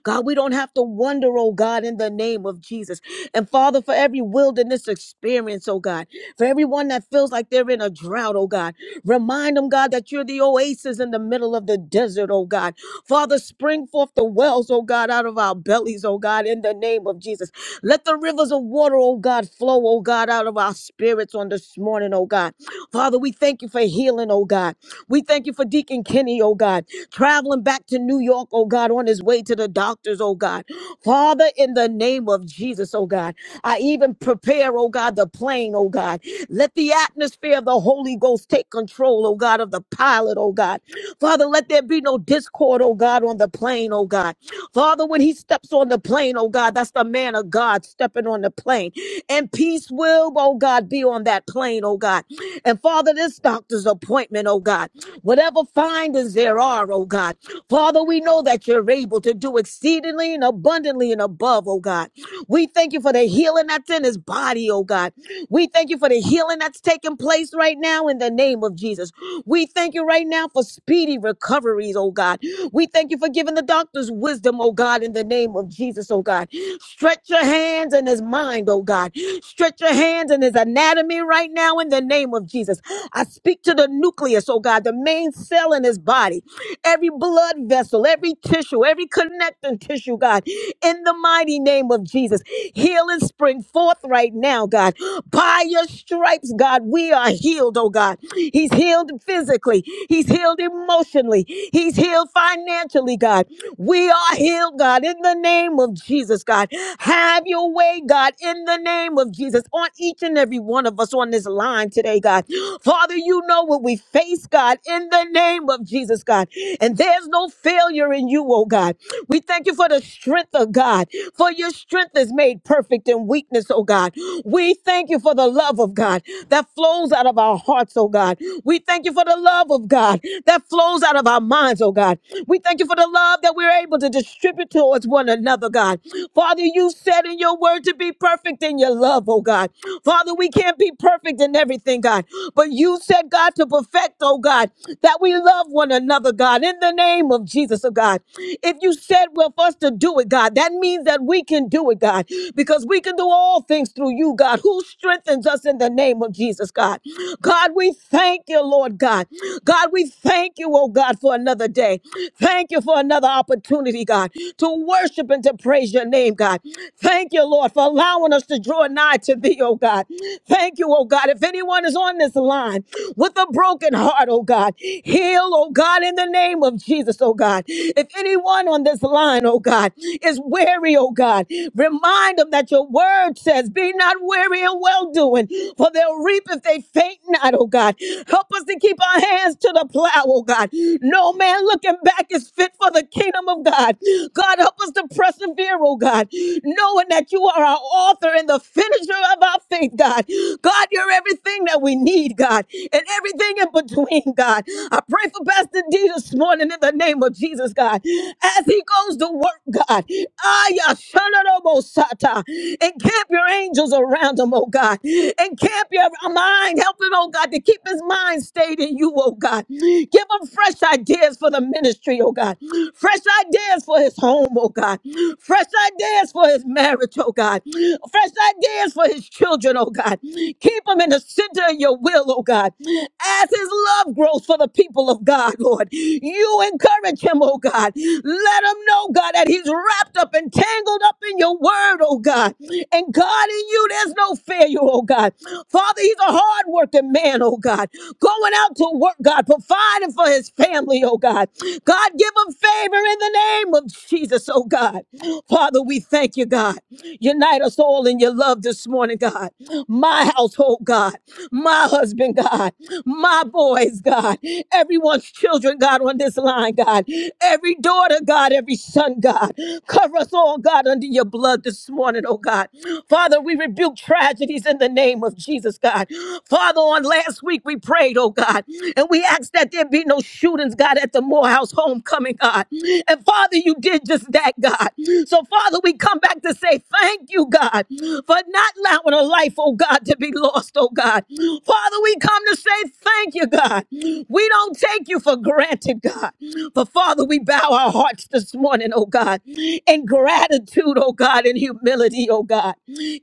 S4: God, we don't have to wonder, oh God, in the name of Jesus. And Father, for every wilderness experience, oh God, for everyone that feels like they're in a drought, oh God, remind them, God, that you're the oasis in the middle of the desert, oh God. Father, spring forth the wells, oh God, out of our bellies, oh God, in the name of Jesus. Let the rivers of water, oh God, flow, oh God, out of our spirits on this morning, oh God. Father, we thank you for healing, oh God. We thank you for Deacon Kenny, oh God traveling back to New York, oh God, on his way to the doctors, oh God. Father, in the name of Jesus, oh God, I even prepare, oh God, the plane, oh God. Let the atmosphere of the Holy Ghost take control, oh God, of the pilot, oh God. Father, let there be no discord, oh God, on the plane, oh God. Father, when he steps on the plane, oh God, that's the man of God stepping on the plane. And peace will, oh God, be on that plane, oh God. And Father, this doctor's appointment, oh God, whatever findings there are, oh God, Father, we know that you're able to do exceedingly and abundantly and above, oh God. We thank you for the healing that's in his body, oh God. We we thank you for the healing that's taking place right now in the name of Jesus. We thank you right now for speedy recoveries, oh God. We thank you for giving the doctors wisdom, oh God, in the name of Jesus, oh God. Stretch your hands in his mind, oh God. Stretch your hands in his anatomy right now in the name of Jesus. I speak to the nucleus, oh God, the main cell in his body every blood vessel, every tissue, every connecting tissue, God, in the mighty name of Jesus. Healing spring forth right now, God. By your stripes, God, we are healed, oh God. He's healed physically, He's healed emotionally, He's healed financially financially, God. We are healed, God, in the name of Jesus, God. Have your way, God, in the name of Jesus, on each and every one of us on this line today, God. Father, you know what we face, God, in the name of Jesus, God. And there's no failure in you, oh God. We thank you for the strength of God, for your strength is made perfect in weakness, oh God. We thank you for the love of God that flows out of our hearts, oh God. We thank you for the love of God that flows out of our minds, oh God. We thank you for the love that we're able to distribute towards one another, God. Father, you said in your word to be perfect in your love, oh God. Father, we can't be perfect in everything, God, but you said, God, to perfect, oh God, that we love one another, Father God, in the name of Jesus, oh God. If you said well for us to do it, God, that means that we can do it, God, because we can do all things through you, God, who strengthens us in the name of Jesus, God. God, we thank you, Lord God. God, we thank you, oh God, for another day. Thank you for another opportunity, God, to worship and to praise your name, God. Thank you, Lord, for allowing us to draw nigh to thee, oh God. Thank you, oh God. If anyone is on this line, with a the broken heart, oh God. Heal, oh God, in the name of Jesus, oh God. If anyone on this line, oh God, is weary, oh God, remind them that your word says, Be not weary in well doing, for they'll reap if they faint not, oh God. Help us to keep our hands to the plow, oh God. No man looking back is fit for the kingdom of God. God, help us to persevere, oh God, knowing that you are our author and the finisher of our faith, God. God, you're everything that we need, God, and everything in between, God. I pray for Pastor D this morning in the name of Jesus, God, as he goes to work, God. Aya shanarobosata. Encamp your angels around him, oh God. Encamp your mind. Help him, oh God, to keep his mind stayed in you, oh God. Give him fresh ideas for the ministry, oh God. Fresh ideas for his home, oh God. Fresh ideas for his marriage, oh God. Fresh fresh ideas for his children, oh God. Keep them in the center of your will, oh God. As his love grows for the people of God, Lord, you encourage him, oh God. Let him know, God, that he's wrapped up and tangled up in your word, oh God. And God, in you, there's no failure, oh God. Father, he's a hard working man, oh God. Going out to work, God, providing for his family, oh God. God, give him favor in the name of Jesus, oh God. Father, we thank you, God. Unite us all in your love this morning, God. My household, God. My husband, God. My boys, God. Everyone's children, God, on this line, God. Every daughter, God. Every son, God. Cover us all, God, under your blood this morning, oh God. Father, we rebuke tragedies in the name of Jesus, God. Father, on last week we prayed, oh God, and we asked that there be no shootings, God, at the Morehouse homecoming, God. And Father, you did just that, God. So, Father, we come back to say thank you, God, for not allowing a life, oh God, to be lost, oh God. Father, we come to say thank you, God. We don't take you for granted, God. But Father, we bow our hearts this morning, oh God, in gratitude, oh God, in humility, oh God.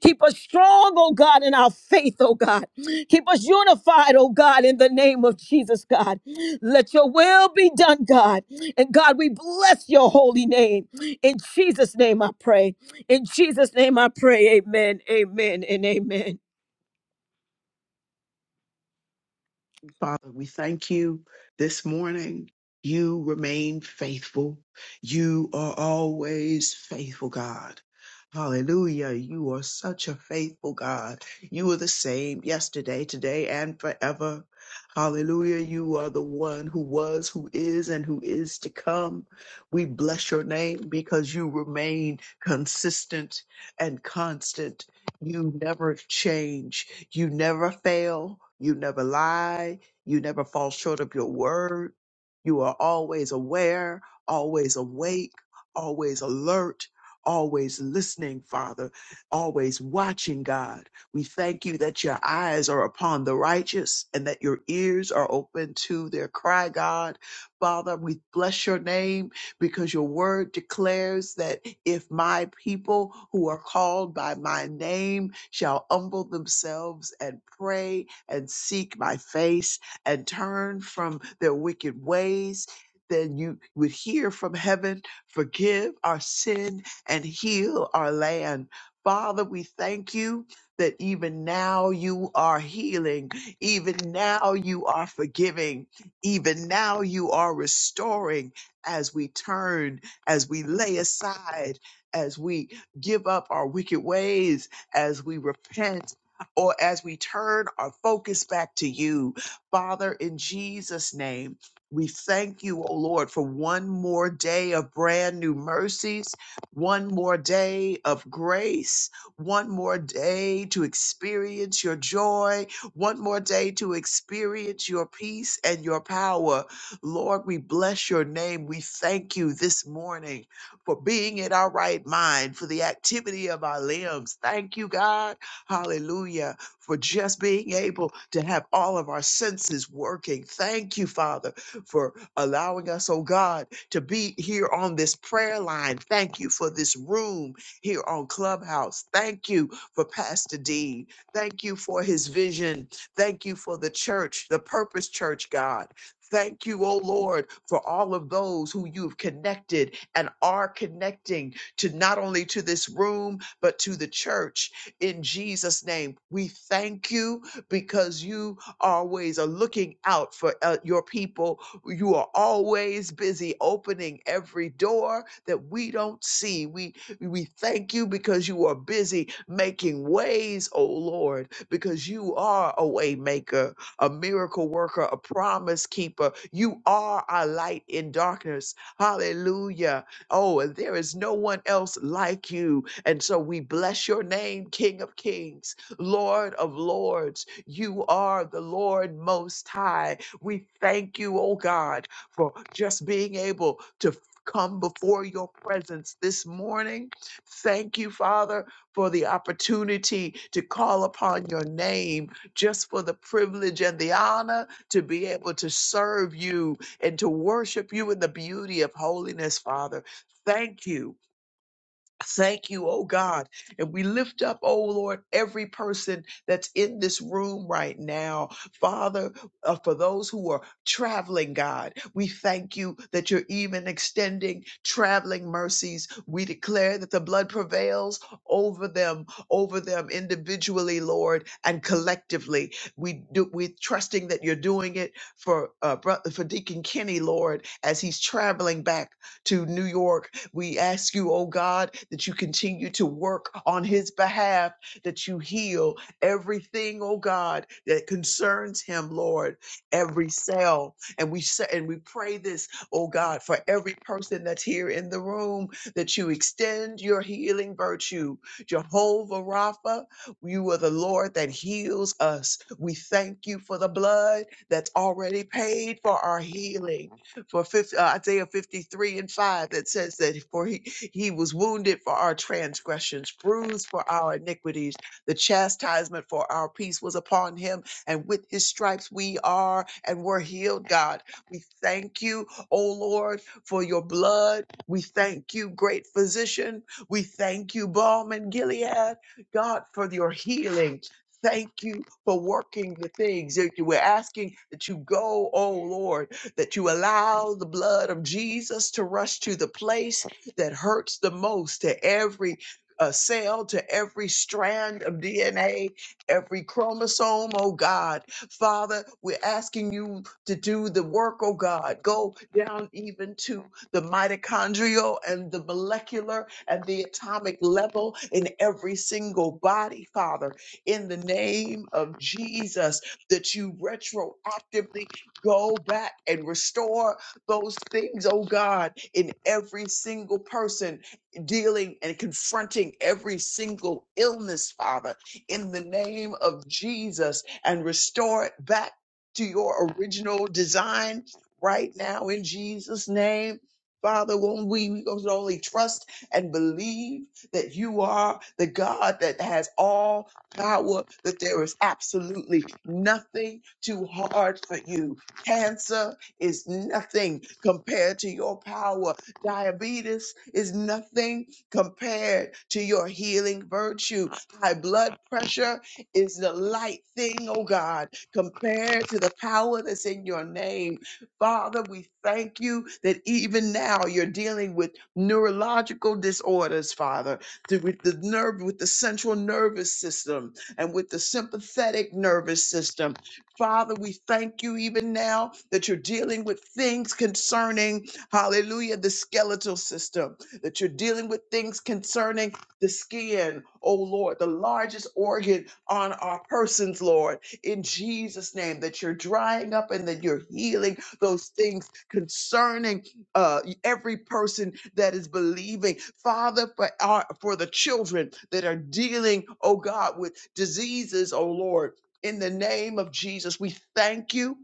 S4: Keep us strong, oh God, in our faith, oh God. Keep us unified, oh God, in the name of Jesus, God. Let your will be done, God. And God, we bless your holy name. In Jesus' name I pray. In Jesus' name I pray. Amen, amen, and amen.
S8: Father, we thank you this morning. You remain faithful. You are always faithful, God. Hallelujah. You are such a faithful God. You are the same yesterday, today, and forever. Hallelujah. You are the one who was, who is, and who is to come. We bless your name because you remain consistent and constant. You never change. You never fail. You never lie. You never fall short of your word. You are always aware, always awake, always alert, always listening, Father, always watching, God. We thank you that your eyes are upon the righteous and that your ears are open to their cry, God. Father, we bless your name because your word declares that if my people who are called by my name shall humble themselves and pray and seek my face and turn from their wicked ways, then you would hear from heaven, forgive our sin, and heal our land. Father, we thank you that even now you are healing, even now you are forgiving, even now you are restoring as we turn, as we lay aside, as we give up our wicked ways, as we repent, or as we turn our focus back to you. Father, in Jesus' name, we thank you, O Lord, for one more day of brand new mercies, one more day of grace, one more day to experience your joy, one more day to experience your peace and your power. Lord, we bless your name. We thank you this morning for being in our right mind, for the activity of our limbs. Thank you, God. Hallelujah for just being able to have all of our senses working. Thank you, Father, for allowing us, oh God, to be here on this prayer line. Thank you for this room here on Clubhouse. Thank you for Pastor Dean. Thank you for his vision. Thank you for the church, the Purpose Church, God. Thank you, oh Lord, for all of those who you've connected and are connecting to not only to this room, but to the church in Jesus' name. We thank you because you always are looking out for uh, your people. You are always busy opening every door that we don't see. We we thank you because you are busy making ways, oh Lord, because you are a way maker, a miracle worker, a promise keeper. You are our light in darkness. Hallelujah. Oh, and there is no one else like you. And so we bless your name, King of Kings, Lord of Lords. You are the Lord Most High. We thank you, oh God, for just being able to come before your presence this morning. Thank you, Father, for the opportunity to call upon your name, just for the privilege and the honor to be able to serve you and to worship you in the beauty of holiness, Father. Thank you Thank you, oh God. And we lift up, oh Lord, every person that's in this room right now. Father, uh, for those who are traveling, God, we thank you that you're even extending traveling mercies. We declare that the blood prevails over them, over them individually, Lord, and collectively. We do, we're trusting that you're doing it for, uh, bro- for Deacon Kenny, Lord, as he's traveling back to New York we ask you, oh God, that you continue to work on his behalf, that you heal everything, oh God, that concerns him, Lord, every cell. And we say, and we pray this, oh God, for every person that's here in the room, that you extend your healing virtue. Jehovah Rapha, you are the Lord that heals us. We thank you for the blood that's already paid for our healing for 50, uh, Isaiah 53 and 5 that says that for he, he was wounded for our transgressions, bruised for our iniquities. The chastisement for our peace was upon him, and with his stripes we are and were healed, God. We thank you, O Lord, for your blood. We thank you, great physician. We thank you, balm in Gilead, God, for your healing. Thank you for working the things that you were asking that you go, oh Lord that you allow the blood of Jesus to rush to the place that hurts the most, to every uh, cell, to every strand of DNA, every chromosome, oh God. Father, we're asking you to do the work, oh God. Go down even to the mitochondrial and the molecular and the atomic level in every single body, Father, in the name of Jesus, that you retroactively Go back and restore those things, oh God, in every single person dealing and confronting every single illness, Father, in the name of Jesus, and restore it back to your original design right now in Jesus' name. Father, when we, we can only trust and believe that you are the God that has all power, that there is absolutely nothing too hard for you. Cancer is nothing compared to your power. Diabetes is nothing compared to your healing virtue. High blood pressure is the light thing, oh God, compared to the power that's in your name. Father, we thank you that even now you're dealing with neurological disorders, Father, to- with the nerve, with the central nervous system and with the sympathetic nervous system. Father, we thank you even now that you're dealing with things concerning, hallelujah, the skeletal system, that you're dealing with things concerning the skin, oh Lord, the largest organ on our persons, Lord, in Jesus' name, that you're drying up and that you're healing those things concerning uh, every person that is believing. Father, for, our, for the children that are dealing, oh God, with diseases, oh Lord in the name of Jesus, we thank you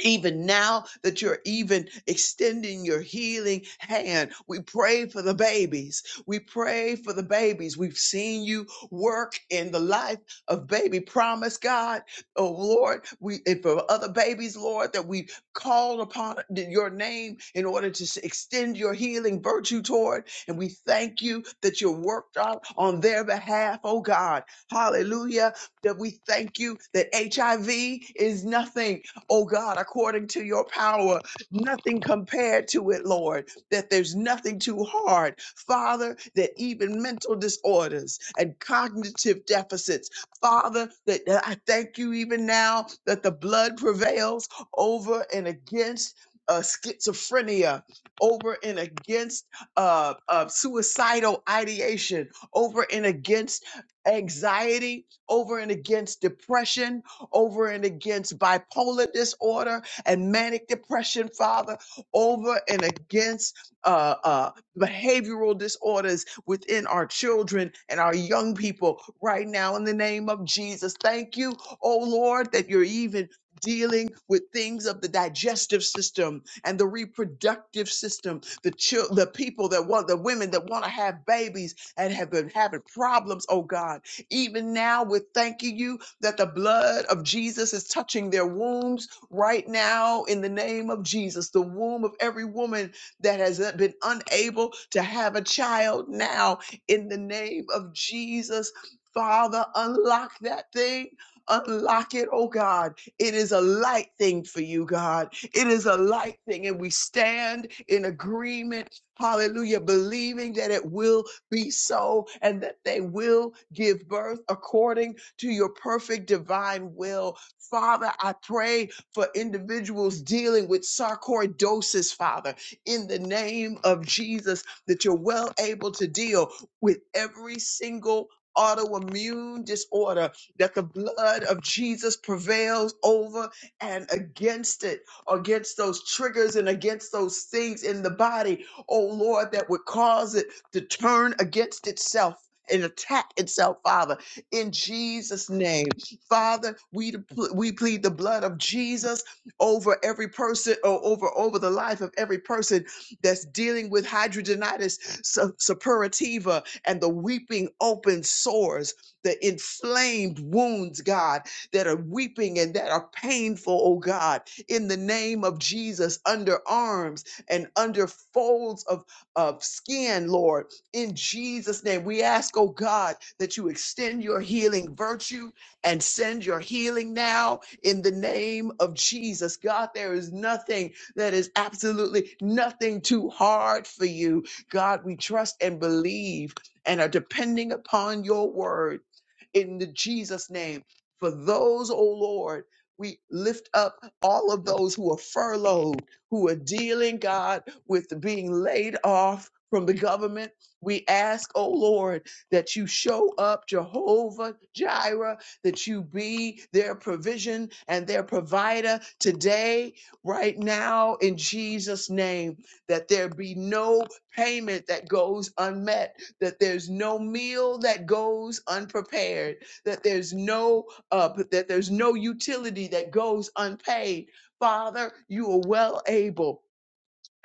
S8: even now that you're even extending your healing hand. We pray for the babies. We pray for the babies. We've seen you work in the life of baby promise, God. Oh Lord, we and for other babies, Lord, that we called upon your name in order to s- extend your healing virtue toward. And we thank you that you worked out on their behalf, oh God. Hallelujah. That we thank you that HIV is nothing oh God, according to your power, nothing compared to it, Lord, that there's nothing too hard. Father, that even mental disorders and cognitive deficits, Father, that that I thank you even now that the blood prevails over and against. Uh, schizophrenia over and against uh, uh, suicidal ideation, over and against anxiety, over and against depression, over and against bipolar disorder and manic depression, Father, over and against uh, uh, behavioral disorders within our children and our young people right now in the name of Jesus. Thank you, oh Lord, that you're even dealing with things of the digestive system and the reproductive system the chil- the people that want the women that want to have babies and have been having problems oh god even now we're thanking you that the blood of Jesus is touching their wombs right now in the name of Jesus. The womb of every woman that has uh, been unable to have a child now in the name of Jesus. Father, unlock that thing. Unlock it, oh God. It is a light thing for you, God. It is a light thing, and we stand in agreement. Hallelujah, believing that it will be so, and that they will give birth according to your perfect divine will. Father, I pray for individuals dealing with sarcoidosis, Father, in the name of Jesus, that you're well able to deal with every single autoimmune disorder, that the blood of Jesus prevails over and against it, against those triggers and against those things in the body, oh Lord, that would cause it to turn against itself and attack itself, Father, in Jesus' name. Father, we, depl- we plead the blood of Jesus over every person or over, over the life of every person that's dealing with hydrogenitis su- suppurativa and the weeping open sores, the inflamed wounds, God, that are weeping and that are painful, oh God, in the name of Jesus, under arms and under folds of of skin, Lord. In Jesus' name, we ask, oh God, that you extend your healing virtue and send your healing now in the name of Jesus. God, there is nothing that is absolutely nothing too hard for you. God, we trust and believe and are depending upon your word in the Jesus name. For those, oh Lord, we lift up all of those who are furloughed, who are dealing, God, with being laid off from the government. We ask, oh Lord, that you show up, Jehovah Jireh, that you be their provision and their provider today, right now, in Jesus' name, that there be no payment that goes unmet that there's no meal that goes unprepared, that there's no uh, that there's no utility that goes unpaid. Father, you are well able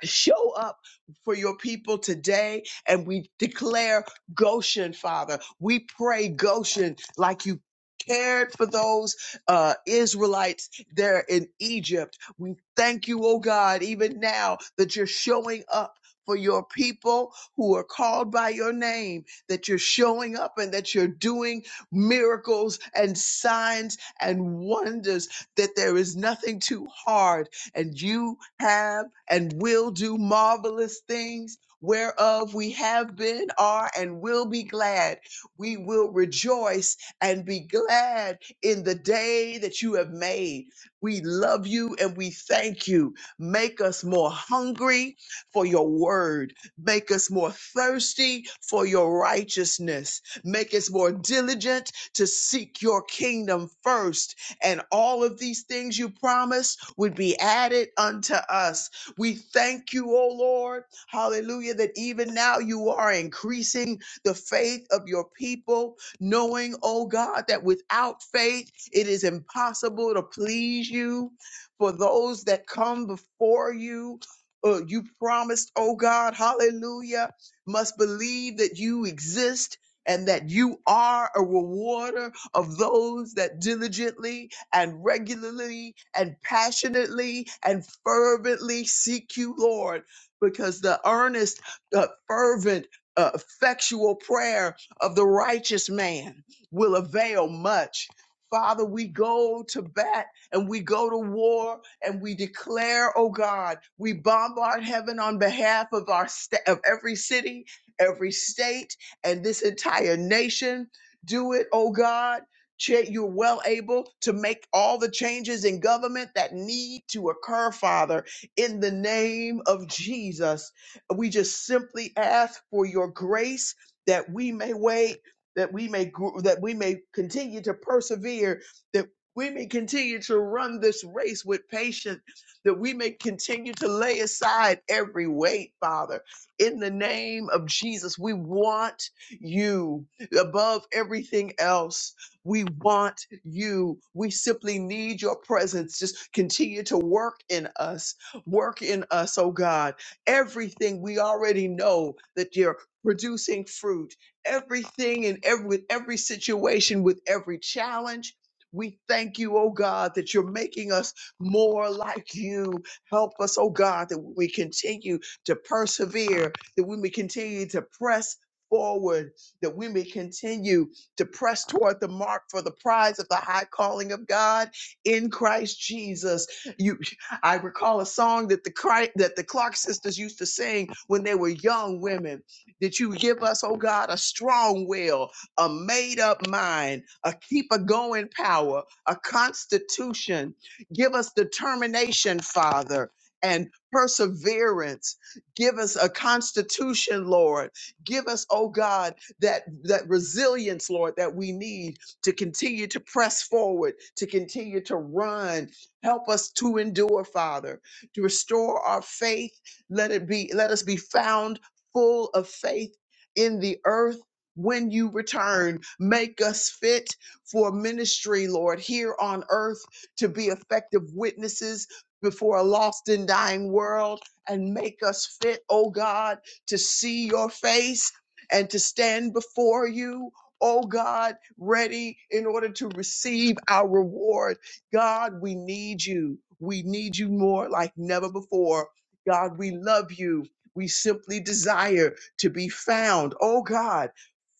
S8: Show up for your people today, and we declare Goshen, Father. We pray Goshen like you cared for those uh, Israelites there in Egypt. We thank you, oh God, even now that you're showing up. For your people who are called by your name, that you're showing up and that you're doing miracles and signs and wonders, that there is nothing too hard and you have and will do marvelous things whereof we have been, are, and will be glad. We will rejoice and be glad in the day that you have made. We love you and we thank you. Make us more hungry for your word. Make us more thirsty for your righteousness. Make us more diligent to seek your kingdom first and all of these things you promised would be added unto us. We thank you, O Lord, hallelujah, that even now you are increasing the faith of your people, knowing, O God, that without faith it is impossible to please you. For those that come before you, uh, you promised, O God, hallelujah, must believe that you exist and that you are a rewarder of those that diligently and regularly and passionately and fervently seek you, Lord, because the earnest, uh, fervent, uh, effectual prayer of the righteous man will avail much. Father, we go to bat and we go to war and we declare, oh God, we bombard heaven on behalf of our sta- of every city, every state, and this entire nation. Do it, oh God Cha- You're well able to make all the changes in government that need to occur, Father, in the name of Jesus. We just simply ask for your grace that we may wait, that we may gr- that we may continue to persevere, that we may continue to run this race with patience, that we may continue to lay aside every weight, Father. In the name of Jesus, we want you above everything else. We want you. We simply need your presence. Just continue to work in us. Work in us, oh God. Everything we already know that you're producing fruit. Everything in every with every situation, with every challenge. We thank you, oh God, that you're making us more like you. Help us, oh God, that we continue to persevere, that we may continue to press forward, that we may continue to press toward the mark for the prize of the high calling of God in Christ Jesus. You, I recall a song that the Christ, that the Clark sisters used to sing when they were young women. That you give us, oh God, a strong will, a made up mind, a keep a going power, a constitution. Give us determination, Father. And perseverance. Give us a constitution, Lord. Give us, oh God, that that resilience, Lord, that we need to continue to press forward, to continue to run. Help us to endure, Father, to restore our faith. Let it be, let us be found full of faith in the earth. When you return, make us fit for ministry, Lord, here on earth to be effective witnesses before a lost and dying world and make us fit, oh God, to see your face and to stand before you, oh God, ready in order to receive our reward. God, we need you. We need you more like never before. God, we love you. We simply desire to be found, oh God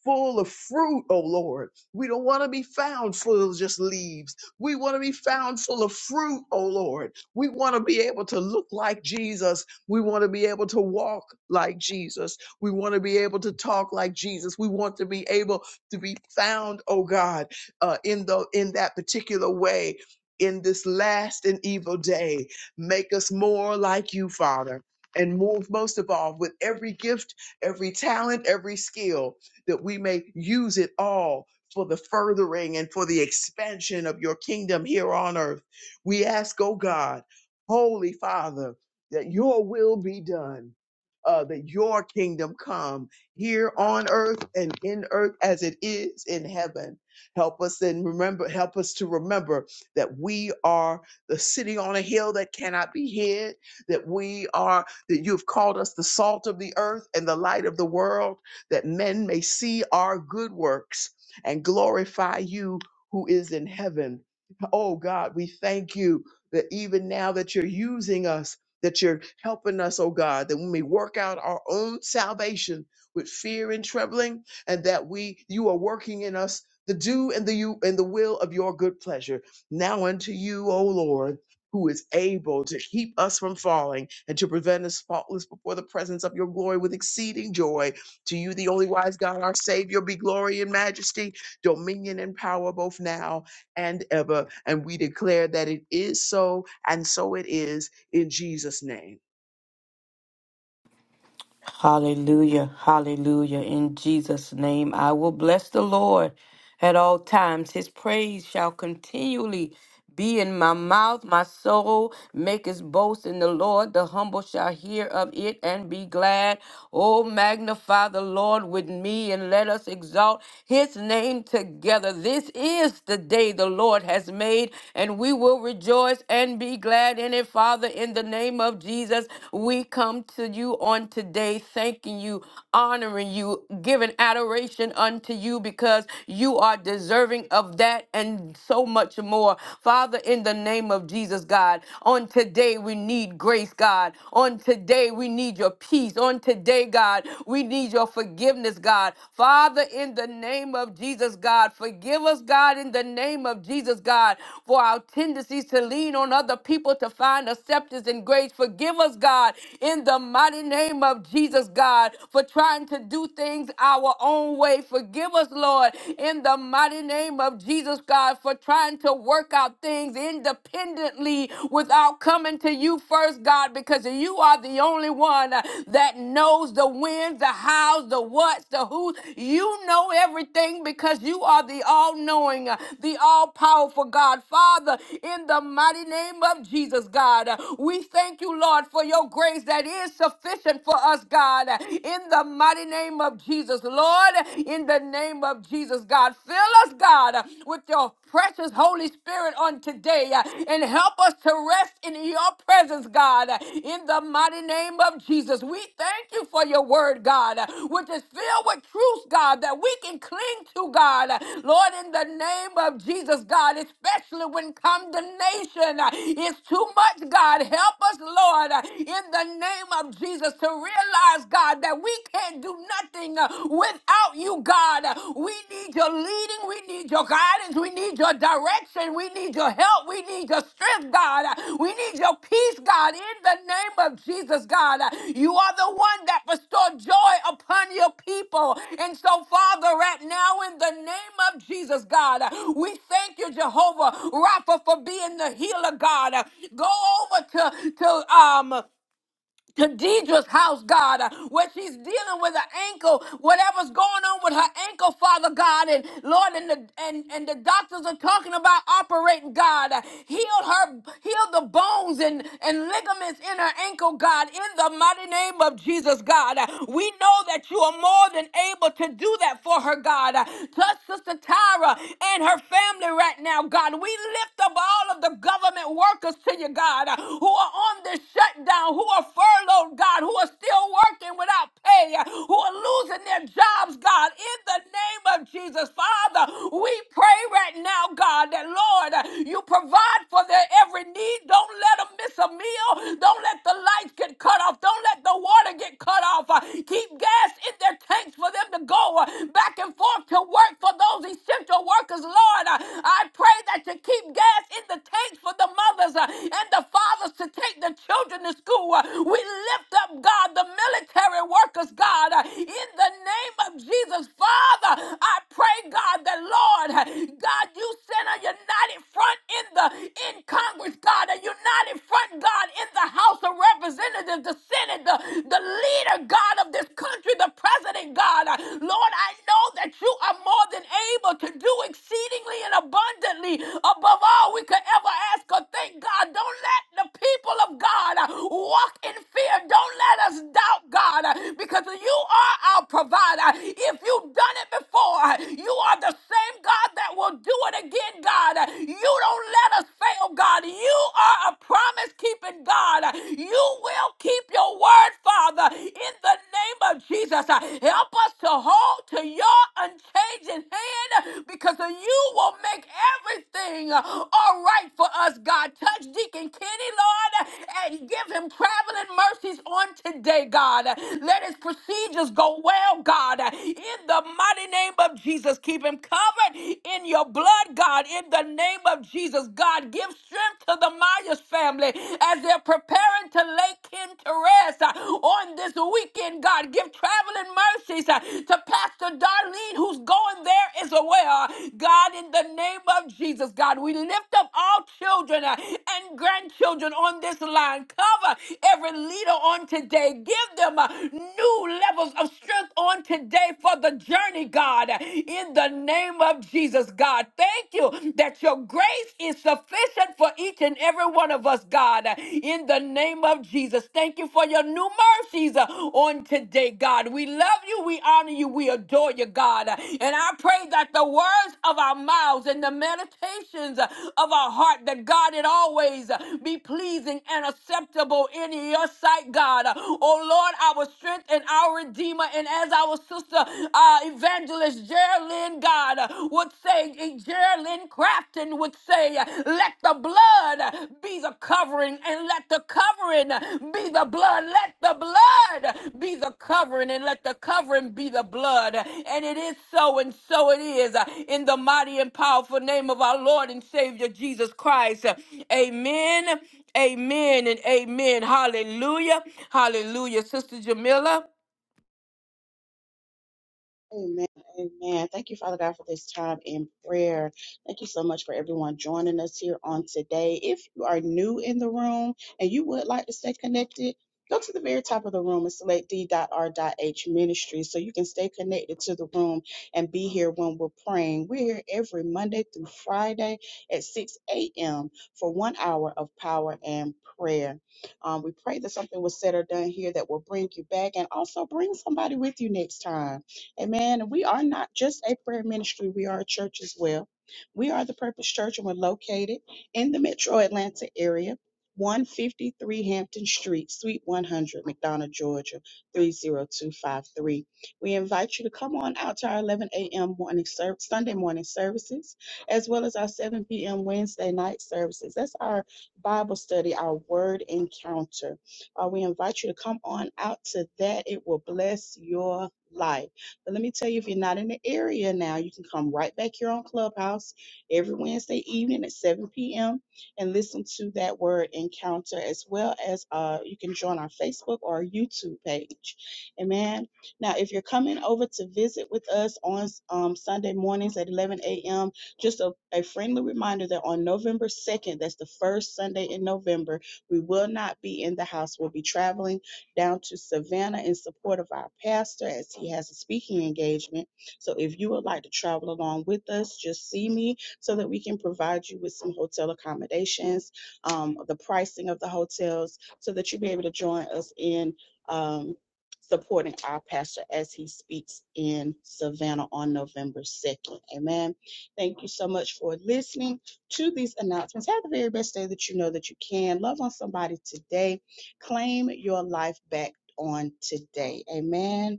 S8: full of fruit, oh Lord. We don't want to be found full of just leaves. We want to be found full of fruit, oh Lord. We want to be able to look like Jesus. We want to be able to walk like Jesus. We want to be able to talk like Jesus. We want to be able to be found, oh God, uh, in the in that particular way in this last and evil day. Make us more like you, Father. And move most of all with every gift, every talent, every skill that we may use it all for the furthering and for the expansion of your kingdom here on earth. We ask, oh God, Holy Father, that your will be done. Uh, that your kingdom come here on earth and in earth as it is in heaven. Help us and remember, help us to remember that we are the city on a hill that cannot be hid, that we are, that you've called us the salt of the earth and the light of the world that men may see our good works and glorify you who is in heaven. Oh God, we thank you that even now that you're using us, that you're helping us, oh God, that we may work out our own salvation with fear and trembling, and that we you are working in us the do and the you and the will of your good pleasure. Now unto you, O Lord, who is able to keep us from falling and to prevent us faultless before the presence of your glory with exceeding joy to you, the only wise God, our Savior, be glory and majesty, dominion and power both now and ever. And we declare that it is so, and so it is in Jesus' name.
S3: Hallelujah. Hallelujah. In Jesus' name, I will bless the Lord at all times. His praise shall continually be in my mouth. My soul maketh boast in the Lord. The humble shall hear of it and be glad. Oh, magnify the Lord with me and let us exalt his name together. This is the day the Lord has made, and we will rejoice and be glad in it. Father, in the name of Jesus, we come to you on on today, thanking you, honoring you, giving adoration unto you because you are deserving of that and so much more. Father, in the name of Jesus, God, on today we need grace, God. On today we need your peace. On today, God, we need your forgiveness, God. Father, in the name of Jesus, God, forgive us, God, in the name of Jesus, God, for our tendencies to lean on other people to find acceptance and grace. Forgive us, God, in the mighty mighty name of Jesus, God, for trying to do things our own way. Forgive us, Lord, in the mighty name of Jesus, God, for trying to work out things independently without coming to you first, God, because you are the only one uh, that knows the wins, the hows, the whats, the who. You know everything because you are the all knowing, the all powerful God. Father, in the mighty name of Jesus, God, uh, we thank you, Lord, for your grace that is is sufficient for us, God, in the mighty name of Jesus. Lord, in the name of Jesus, God, fill us, God, with your precious Holy Spirit on today uh, and help us to rest in your presence, God, uh, in the mighty name of Jesus. We thank you for your word, God, uh, which is filled with truth, God, that we can cling to, God. Uh, Lord, in the name of Jesus, God, especially when condemnation uh, is too much, God, help us, Lord, uh, in the the name of Jesus to realize, God, that we can't do nothing uh, without you, God. Uh, We need your leading, we need your guidance, we need your direction, we need your help, we need your strength, God. Uh, We need your peace, God, in the name of Jesus, God. Uh, You are the one that bestowed joy upon your people. And so, Father, right now, in the name of Jesus, God, uh, we thank you, Jehovah Rapha, for being the healer, God. Uh, Go over to, to, um, to Deidre's house, God, uh, where she's dealing with her ankle, whatever's going on with her ankle, Father God, and Lord, and the and, and the doctors are talking about operating, God, uh, heal her, heal the bones and and ligaments in her ankle, God, in the mighty name of Jesus, God. Uh, We know that you are more than able to do that for her, God. Uh, Touch Sister Tyra and her family right now, God. We lift up all of the government workers workers to you, God, uh, who are on this shutdown, who are furloughed, God, who are still working without pay, uh, who are losing their jobs, God, in the name of Jesus. Father, we pray right now, God, that Lord, uh, you provide for their every need. Don't let them miss a meal. Don't let the lights get cut off. Don't let the water get cut off. Uh, Keep gas in their tanks for them to go uh, back and forth to work for those essential workers, Lord. God. Uh, I pray that you keep gas in the tanks for the mothers uh, and the fathers to take the children to school. Uh, We lift up, God, the military workers, God, uh, in the name of Jesus. Father, I pray, God, that Lord, uh, God, you send a united front in the in Congress, God, a united front, God, in the House of Representatives, the Senate, the, the leader, God, of this country, the president, God. Uh, Lord, Lord, I know that you are more than able to do exceedingly and abundantly above all we could ever ask or think, God. Don't let the people of God uh, walk in fear. Don't let us doubt, God, uh, because you are our provider. If you've done it before, before. You are the same God that will do it again, God. You don't let us fail, God. You are a promise keeping God. You will keep your word, Father, in the name of Jesus. Help us to hold to your unchanging hand because you will make everything all right for us, God. Touch Deacon Kenny, Lord, and give him traveling mercies on on today, God. Let his procedures go well, God. In the mighty name of Jesus, keep him covered in your blood, God. In the name of Jesus, God, give strength to the Myers family as they're preparing to lay kin to rest uh, on this weekend, God. Give traveling mercies uh, to Pastor Darlene, who's going there as well. God, in the name of Jesus, God, we lift up all all children uh, and grandchildren on this line. Cover every leader on today. Give them uh, new levels of strength on today for the journey, God. In the name of Jesus, God, thank you that your grace is sufficient for each and every one of us, God. In the name of Jesus, thank you for your new mercies uh, on today, God. God. We love you. We honor you. We adore you, God. And I pray that the words of our mouths and the meditations of our heart, that God, it always be pleasing and acceptable in your sight, God. Oh, Lord, our strength and our redeemer. And as our sister uh, evangelist Geraldine, God, would say, Geraldine Crafton would say, let the blood be the covering, and let the covering be the blood. Let the blood be the covering, and let the covering be the blood. And it is so, and so it is. In the mighty and powerful name of our Lord and Savior Jesus Christ. Amen, amen, and amen. Hallelujah, hallelujah. Sister Jamila?
S9: Amen. Amen. Thank you, Father God, for this time in prayer. Thank you so much for everyone joining us here on today. If you are new in the room and you would like to stay connected, go to the very top of the room and select d.r.h ministry so you can stay connected to the room and be here when we're praying. We're here every Monday through Friday at 6 a.m. for one hour of power and prayer. Um, we pray that something was said or done here that will bring you back and also bring somebody with you next time. Amen. And we are not just a prayer ministry, we are a church as well. We are the Purpose Church and we're located in the metro Atlanta area, 153 Hampton Street, Suite 100, McDonough, Georgia, 30253. We invite you to come on out to our 11 a.m. morning ser- Sunday morning services, as well as our 7 p.m. Wednesday night services. That's our Bible study, our word encounter. Uh, we invite you to come on out to that. It will bless your life. But let me tell you, if you're not in the area now, you can come right back here on Clubhouse every Wednesday evening at 7 p.m. and listen to that word encounter, as well as uh, you can join our Facebook or our YouTube page. Amen. Now, if you're coming over to visit with us on um, Sunday mornings at 11 a.m., just a, a friendly reminder that on November 2nd, that's the first Sunday in November, we will not be in the house. We'll be traveling down to Savannah in support of our pastor as he has a speaking engagement. So if you would like to travel along with us, just see me so that we can provide you with some hotel accommodations, um, the pricing of the hotels, so that you'll be able to join us in um, supporting our pastor as he speaks in Savannah on November 2nd. Amen. Thank you so much for listening to these announcements. Have the very best day that you know that you can. Love on somebody today Claim your life back on today. Amen.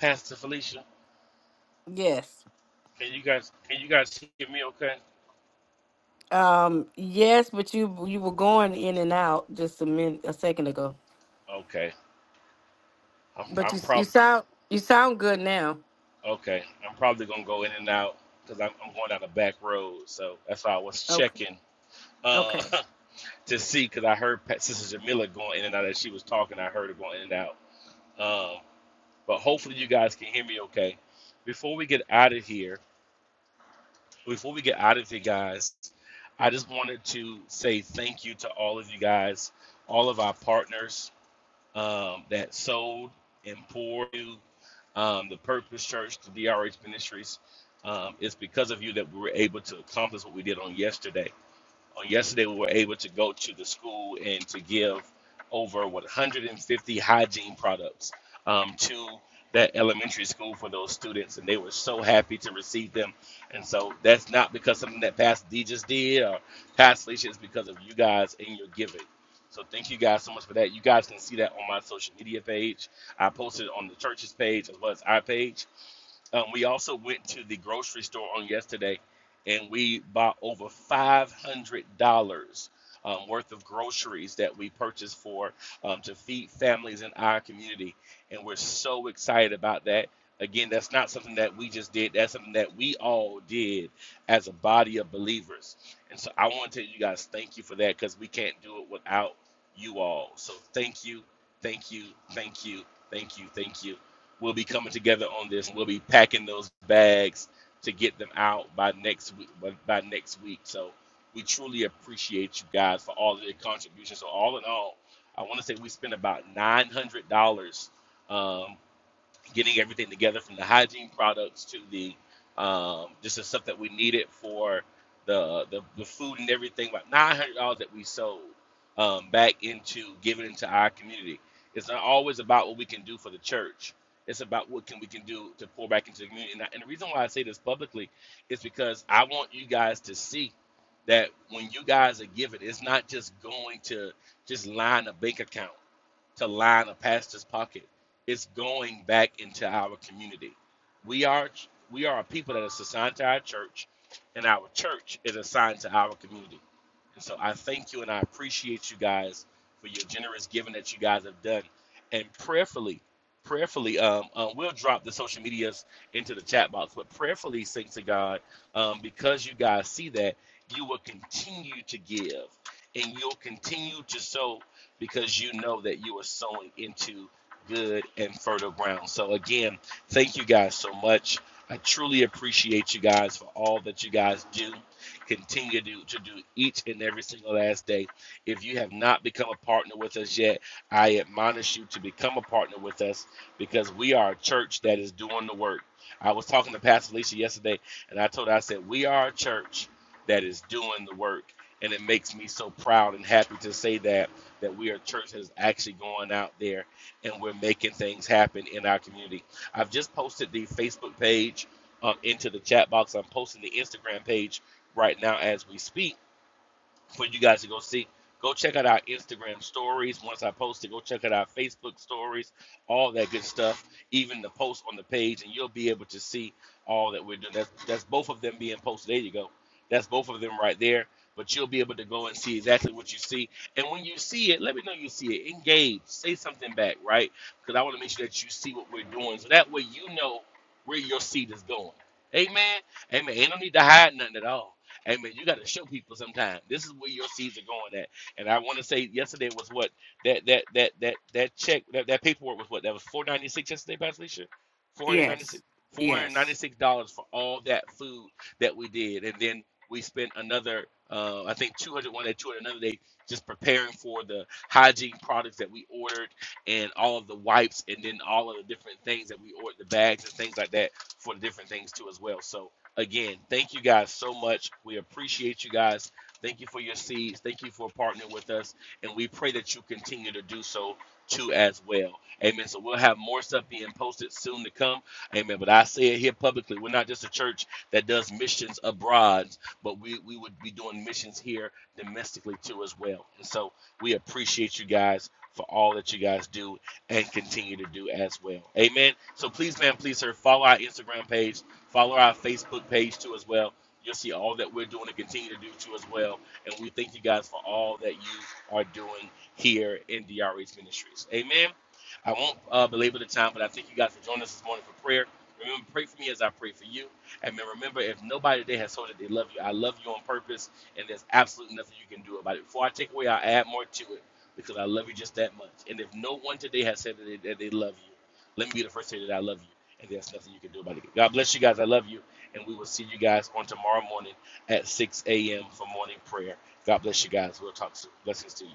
S2: Pastor Felicia.
S3: Yes.
S2: Can you guys can you guys hear me okay?
S3: Um, yes, but you you were going in and out just a minute a second ago.
S2: Okay. I'm
S3: But
S2: I'm
S3: you you
S2: probably
S3: sound you sound good now.
S2: okay. I'm probably gonna go in and out because I'm, I'm going down the back road. So that's why I was
S3: Okay.
S2: checking. Uh
S3: Okay.
S2: to see because I heard Pat, Sister Jamila going in and out as she was talking. I heard her going in and out. Um, but hopefully you guys can hear me okay. Before we get out of here, before we get out of here, guys, I just wanted to say thank you to all of you guys, all of our partners um, that sold and poured to um, the Purpose Church, the DRH Ministries. Um, it's because of you that we were able to accomplish what we did on yesterday. On yesterday, we were able to go to the school and to give over 150 hygiene products um, to that elementary school for those students, and they were so happy to receive them. And so that's not because something that Pastor D just did or Pastor Alicia, it's because of you guys and your giving. So thank you guys so much for that. You guys can see that on my social media page. I posted it on the church's page as well as our page. Um, we also went to the grocery store on yesterday and we bought over $500 um, worth of groceries that we purchased for um, to feed families in our community. And we're so excited about that. Again, that's not something that we just did, that's something that we all did as a body of believers. And so I want to tell you guys thank you for that because we can't do it without you all. So thank you, thank you, thank you, thank you, thank you. We'll be coming together on this. We'll be packing those bags to get them out by next week. By, by next week, so we truly appreciate you guys for all of your contributions. So all in all, I want to say we spent about nine hundred dollars um, getting everything together from the hygiene products to the um, just the stuff that we needed for the the, the food and everything. About nine hundred dollars that we sold um, back into giving into our community. It's not always about what we can do for the church. It's about what can we can do to pour back into the community. And, I, and the reason why I say this publicly is because I want you guys to see that when you guys are giving, it's not just going to just line a bank account to line a pastor's pocket. It's going back into our community. We are we are a people that is assigned to our church, and our church is assigned to our community. And so I thank you and I appreciate you guys for your generous giving that you guys have done. And prayerfully, prayerfully, um, uh, we'll drop the social medias into the chat box. But prayerfully, thanks to God, um, because you guys see that, you will continue to give and you'll continue to sow because you know that you are sowing into good and fertile ground. So, again, thank you guys so much. I truly appreciate you guys for all that you guys do. Continue to, to do each and every single last day. If you have not become a partner with us yet, I admonish you to become a partner with us because we are a church that is doing the work. I was talking to Pastor Alicia yesterday, and I told her, I said, We are a church that is doing the work. And it makes me so proud and happy to say that that we are a church that is actually going out there and we're making things happen in our community. I've just posted the Facebook page um, into the chat box. I'm posting the Instagram page right now as we speak for you guys to go see. Go check out our Instagram stories. Once I post it, go check out our Facebook stories, all that good stuff, even the post on the page, and you'll be able to see all that we're doing. That's, that's both of them being posted. There you go. That's both of them right there. But you'll be able to go and see exactly what you see. And when you see it, let me know you see it. Engage. Say something back, right? Because I want to make sure that you see what we're doing. So that way you know where your seed is going. Amen. Amen. Ain't no need to hide nothing at all. Amen. you got to show people sometime. This is where your seeds are going at. And I want to say yesterday was what that that that that that check that, that paperwork was what that was four ninety six yesterday, Pastor Alicia? Four hundred ninety six.
S3: Yes.
S2: Four hundred
S3: Yes.
S2: ninety-six dollars for all that food that we did, and then we spent another, uh, I think, two hundred one day, two hundred another day, just preparing for the hygiene products that we ordered, and all of the wipes, and then all of the different things that we ordered, the bags and things like that for the different things too as well. So again, thank you guys so much. We appreciate you guys. Thank you for your seeds. Thank you for partnering with us. And we pray that you continue to do so too as well. Amen. So we'll have more stuff being posted soon to come. Amen. But I say it here publicly. We're not just a church that does missions abroad, but we, we would be doing missions here domestically too as well. And so we appreciate you guys for all that you guys do and continue to do as well. Amen. So please, man, please, sir, follow our Instagram page Follow our Facebook page too as well. You'll see all that we're doing and continue to do too as well. And we thank you guys for all that you are doing here in DRH Ministries. Amen. I won't uh, belabor the time, but I thank you guys for joining us this morning for prayer. Remember, pray for me as I pray for you. And remember, if nobody today has told you they love you, I love you on purpose, and there's absolutely nothing you can do about it. Before I take away, I add more to it because I love you just that much. And if no one today has said that they, that they love you, let me be the first to say that I love you and there's nothing you can do about it. God bless you guys. I love you, and we will see you guys on tomorrow morning at 6 a.m. for morning prayer. God bless you guys. We'll talk soon. Blessings to you.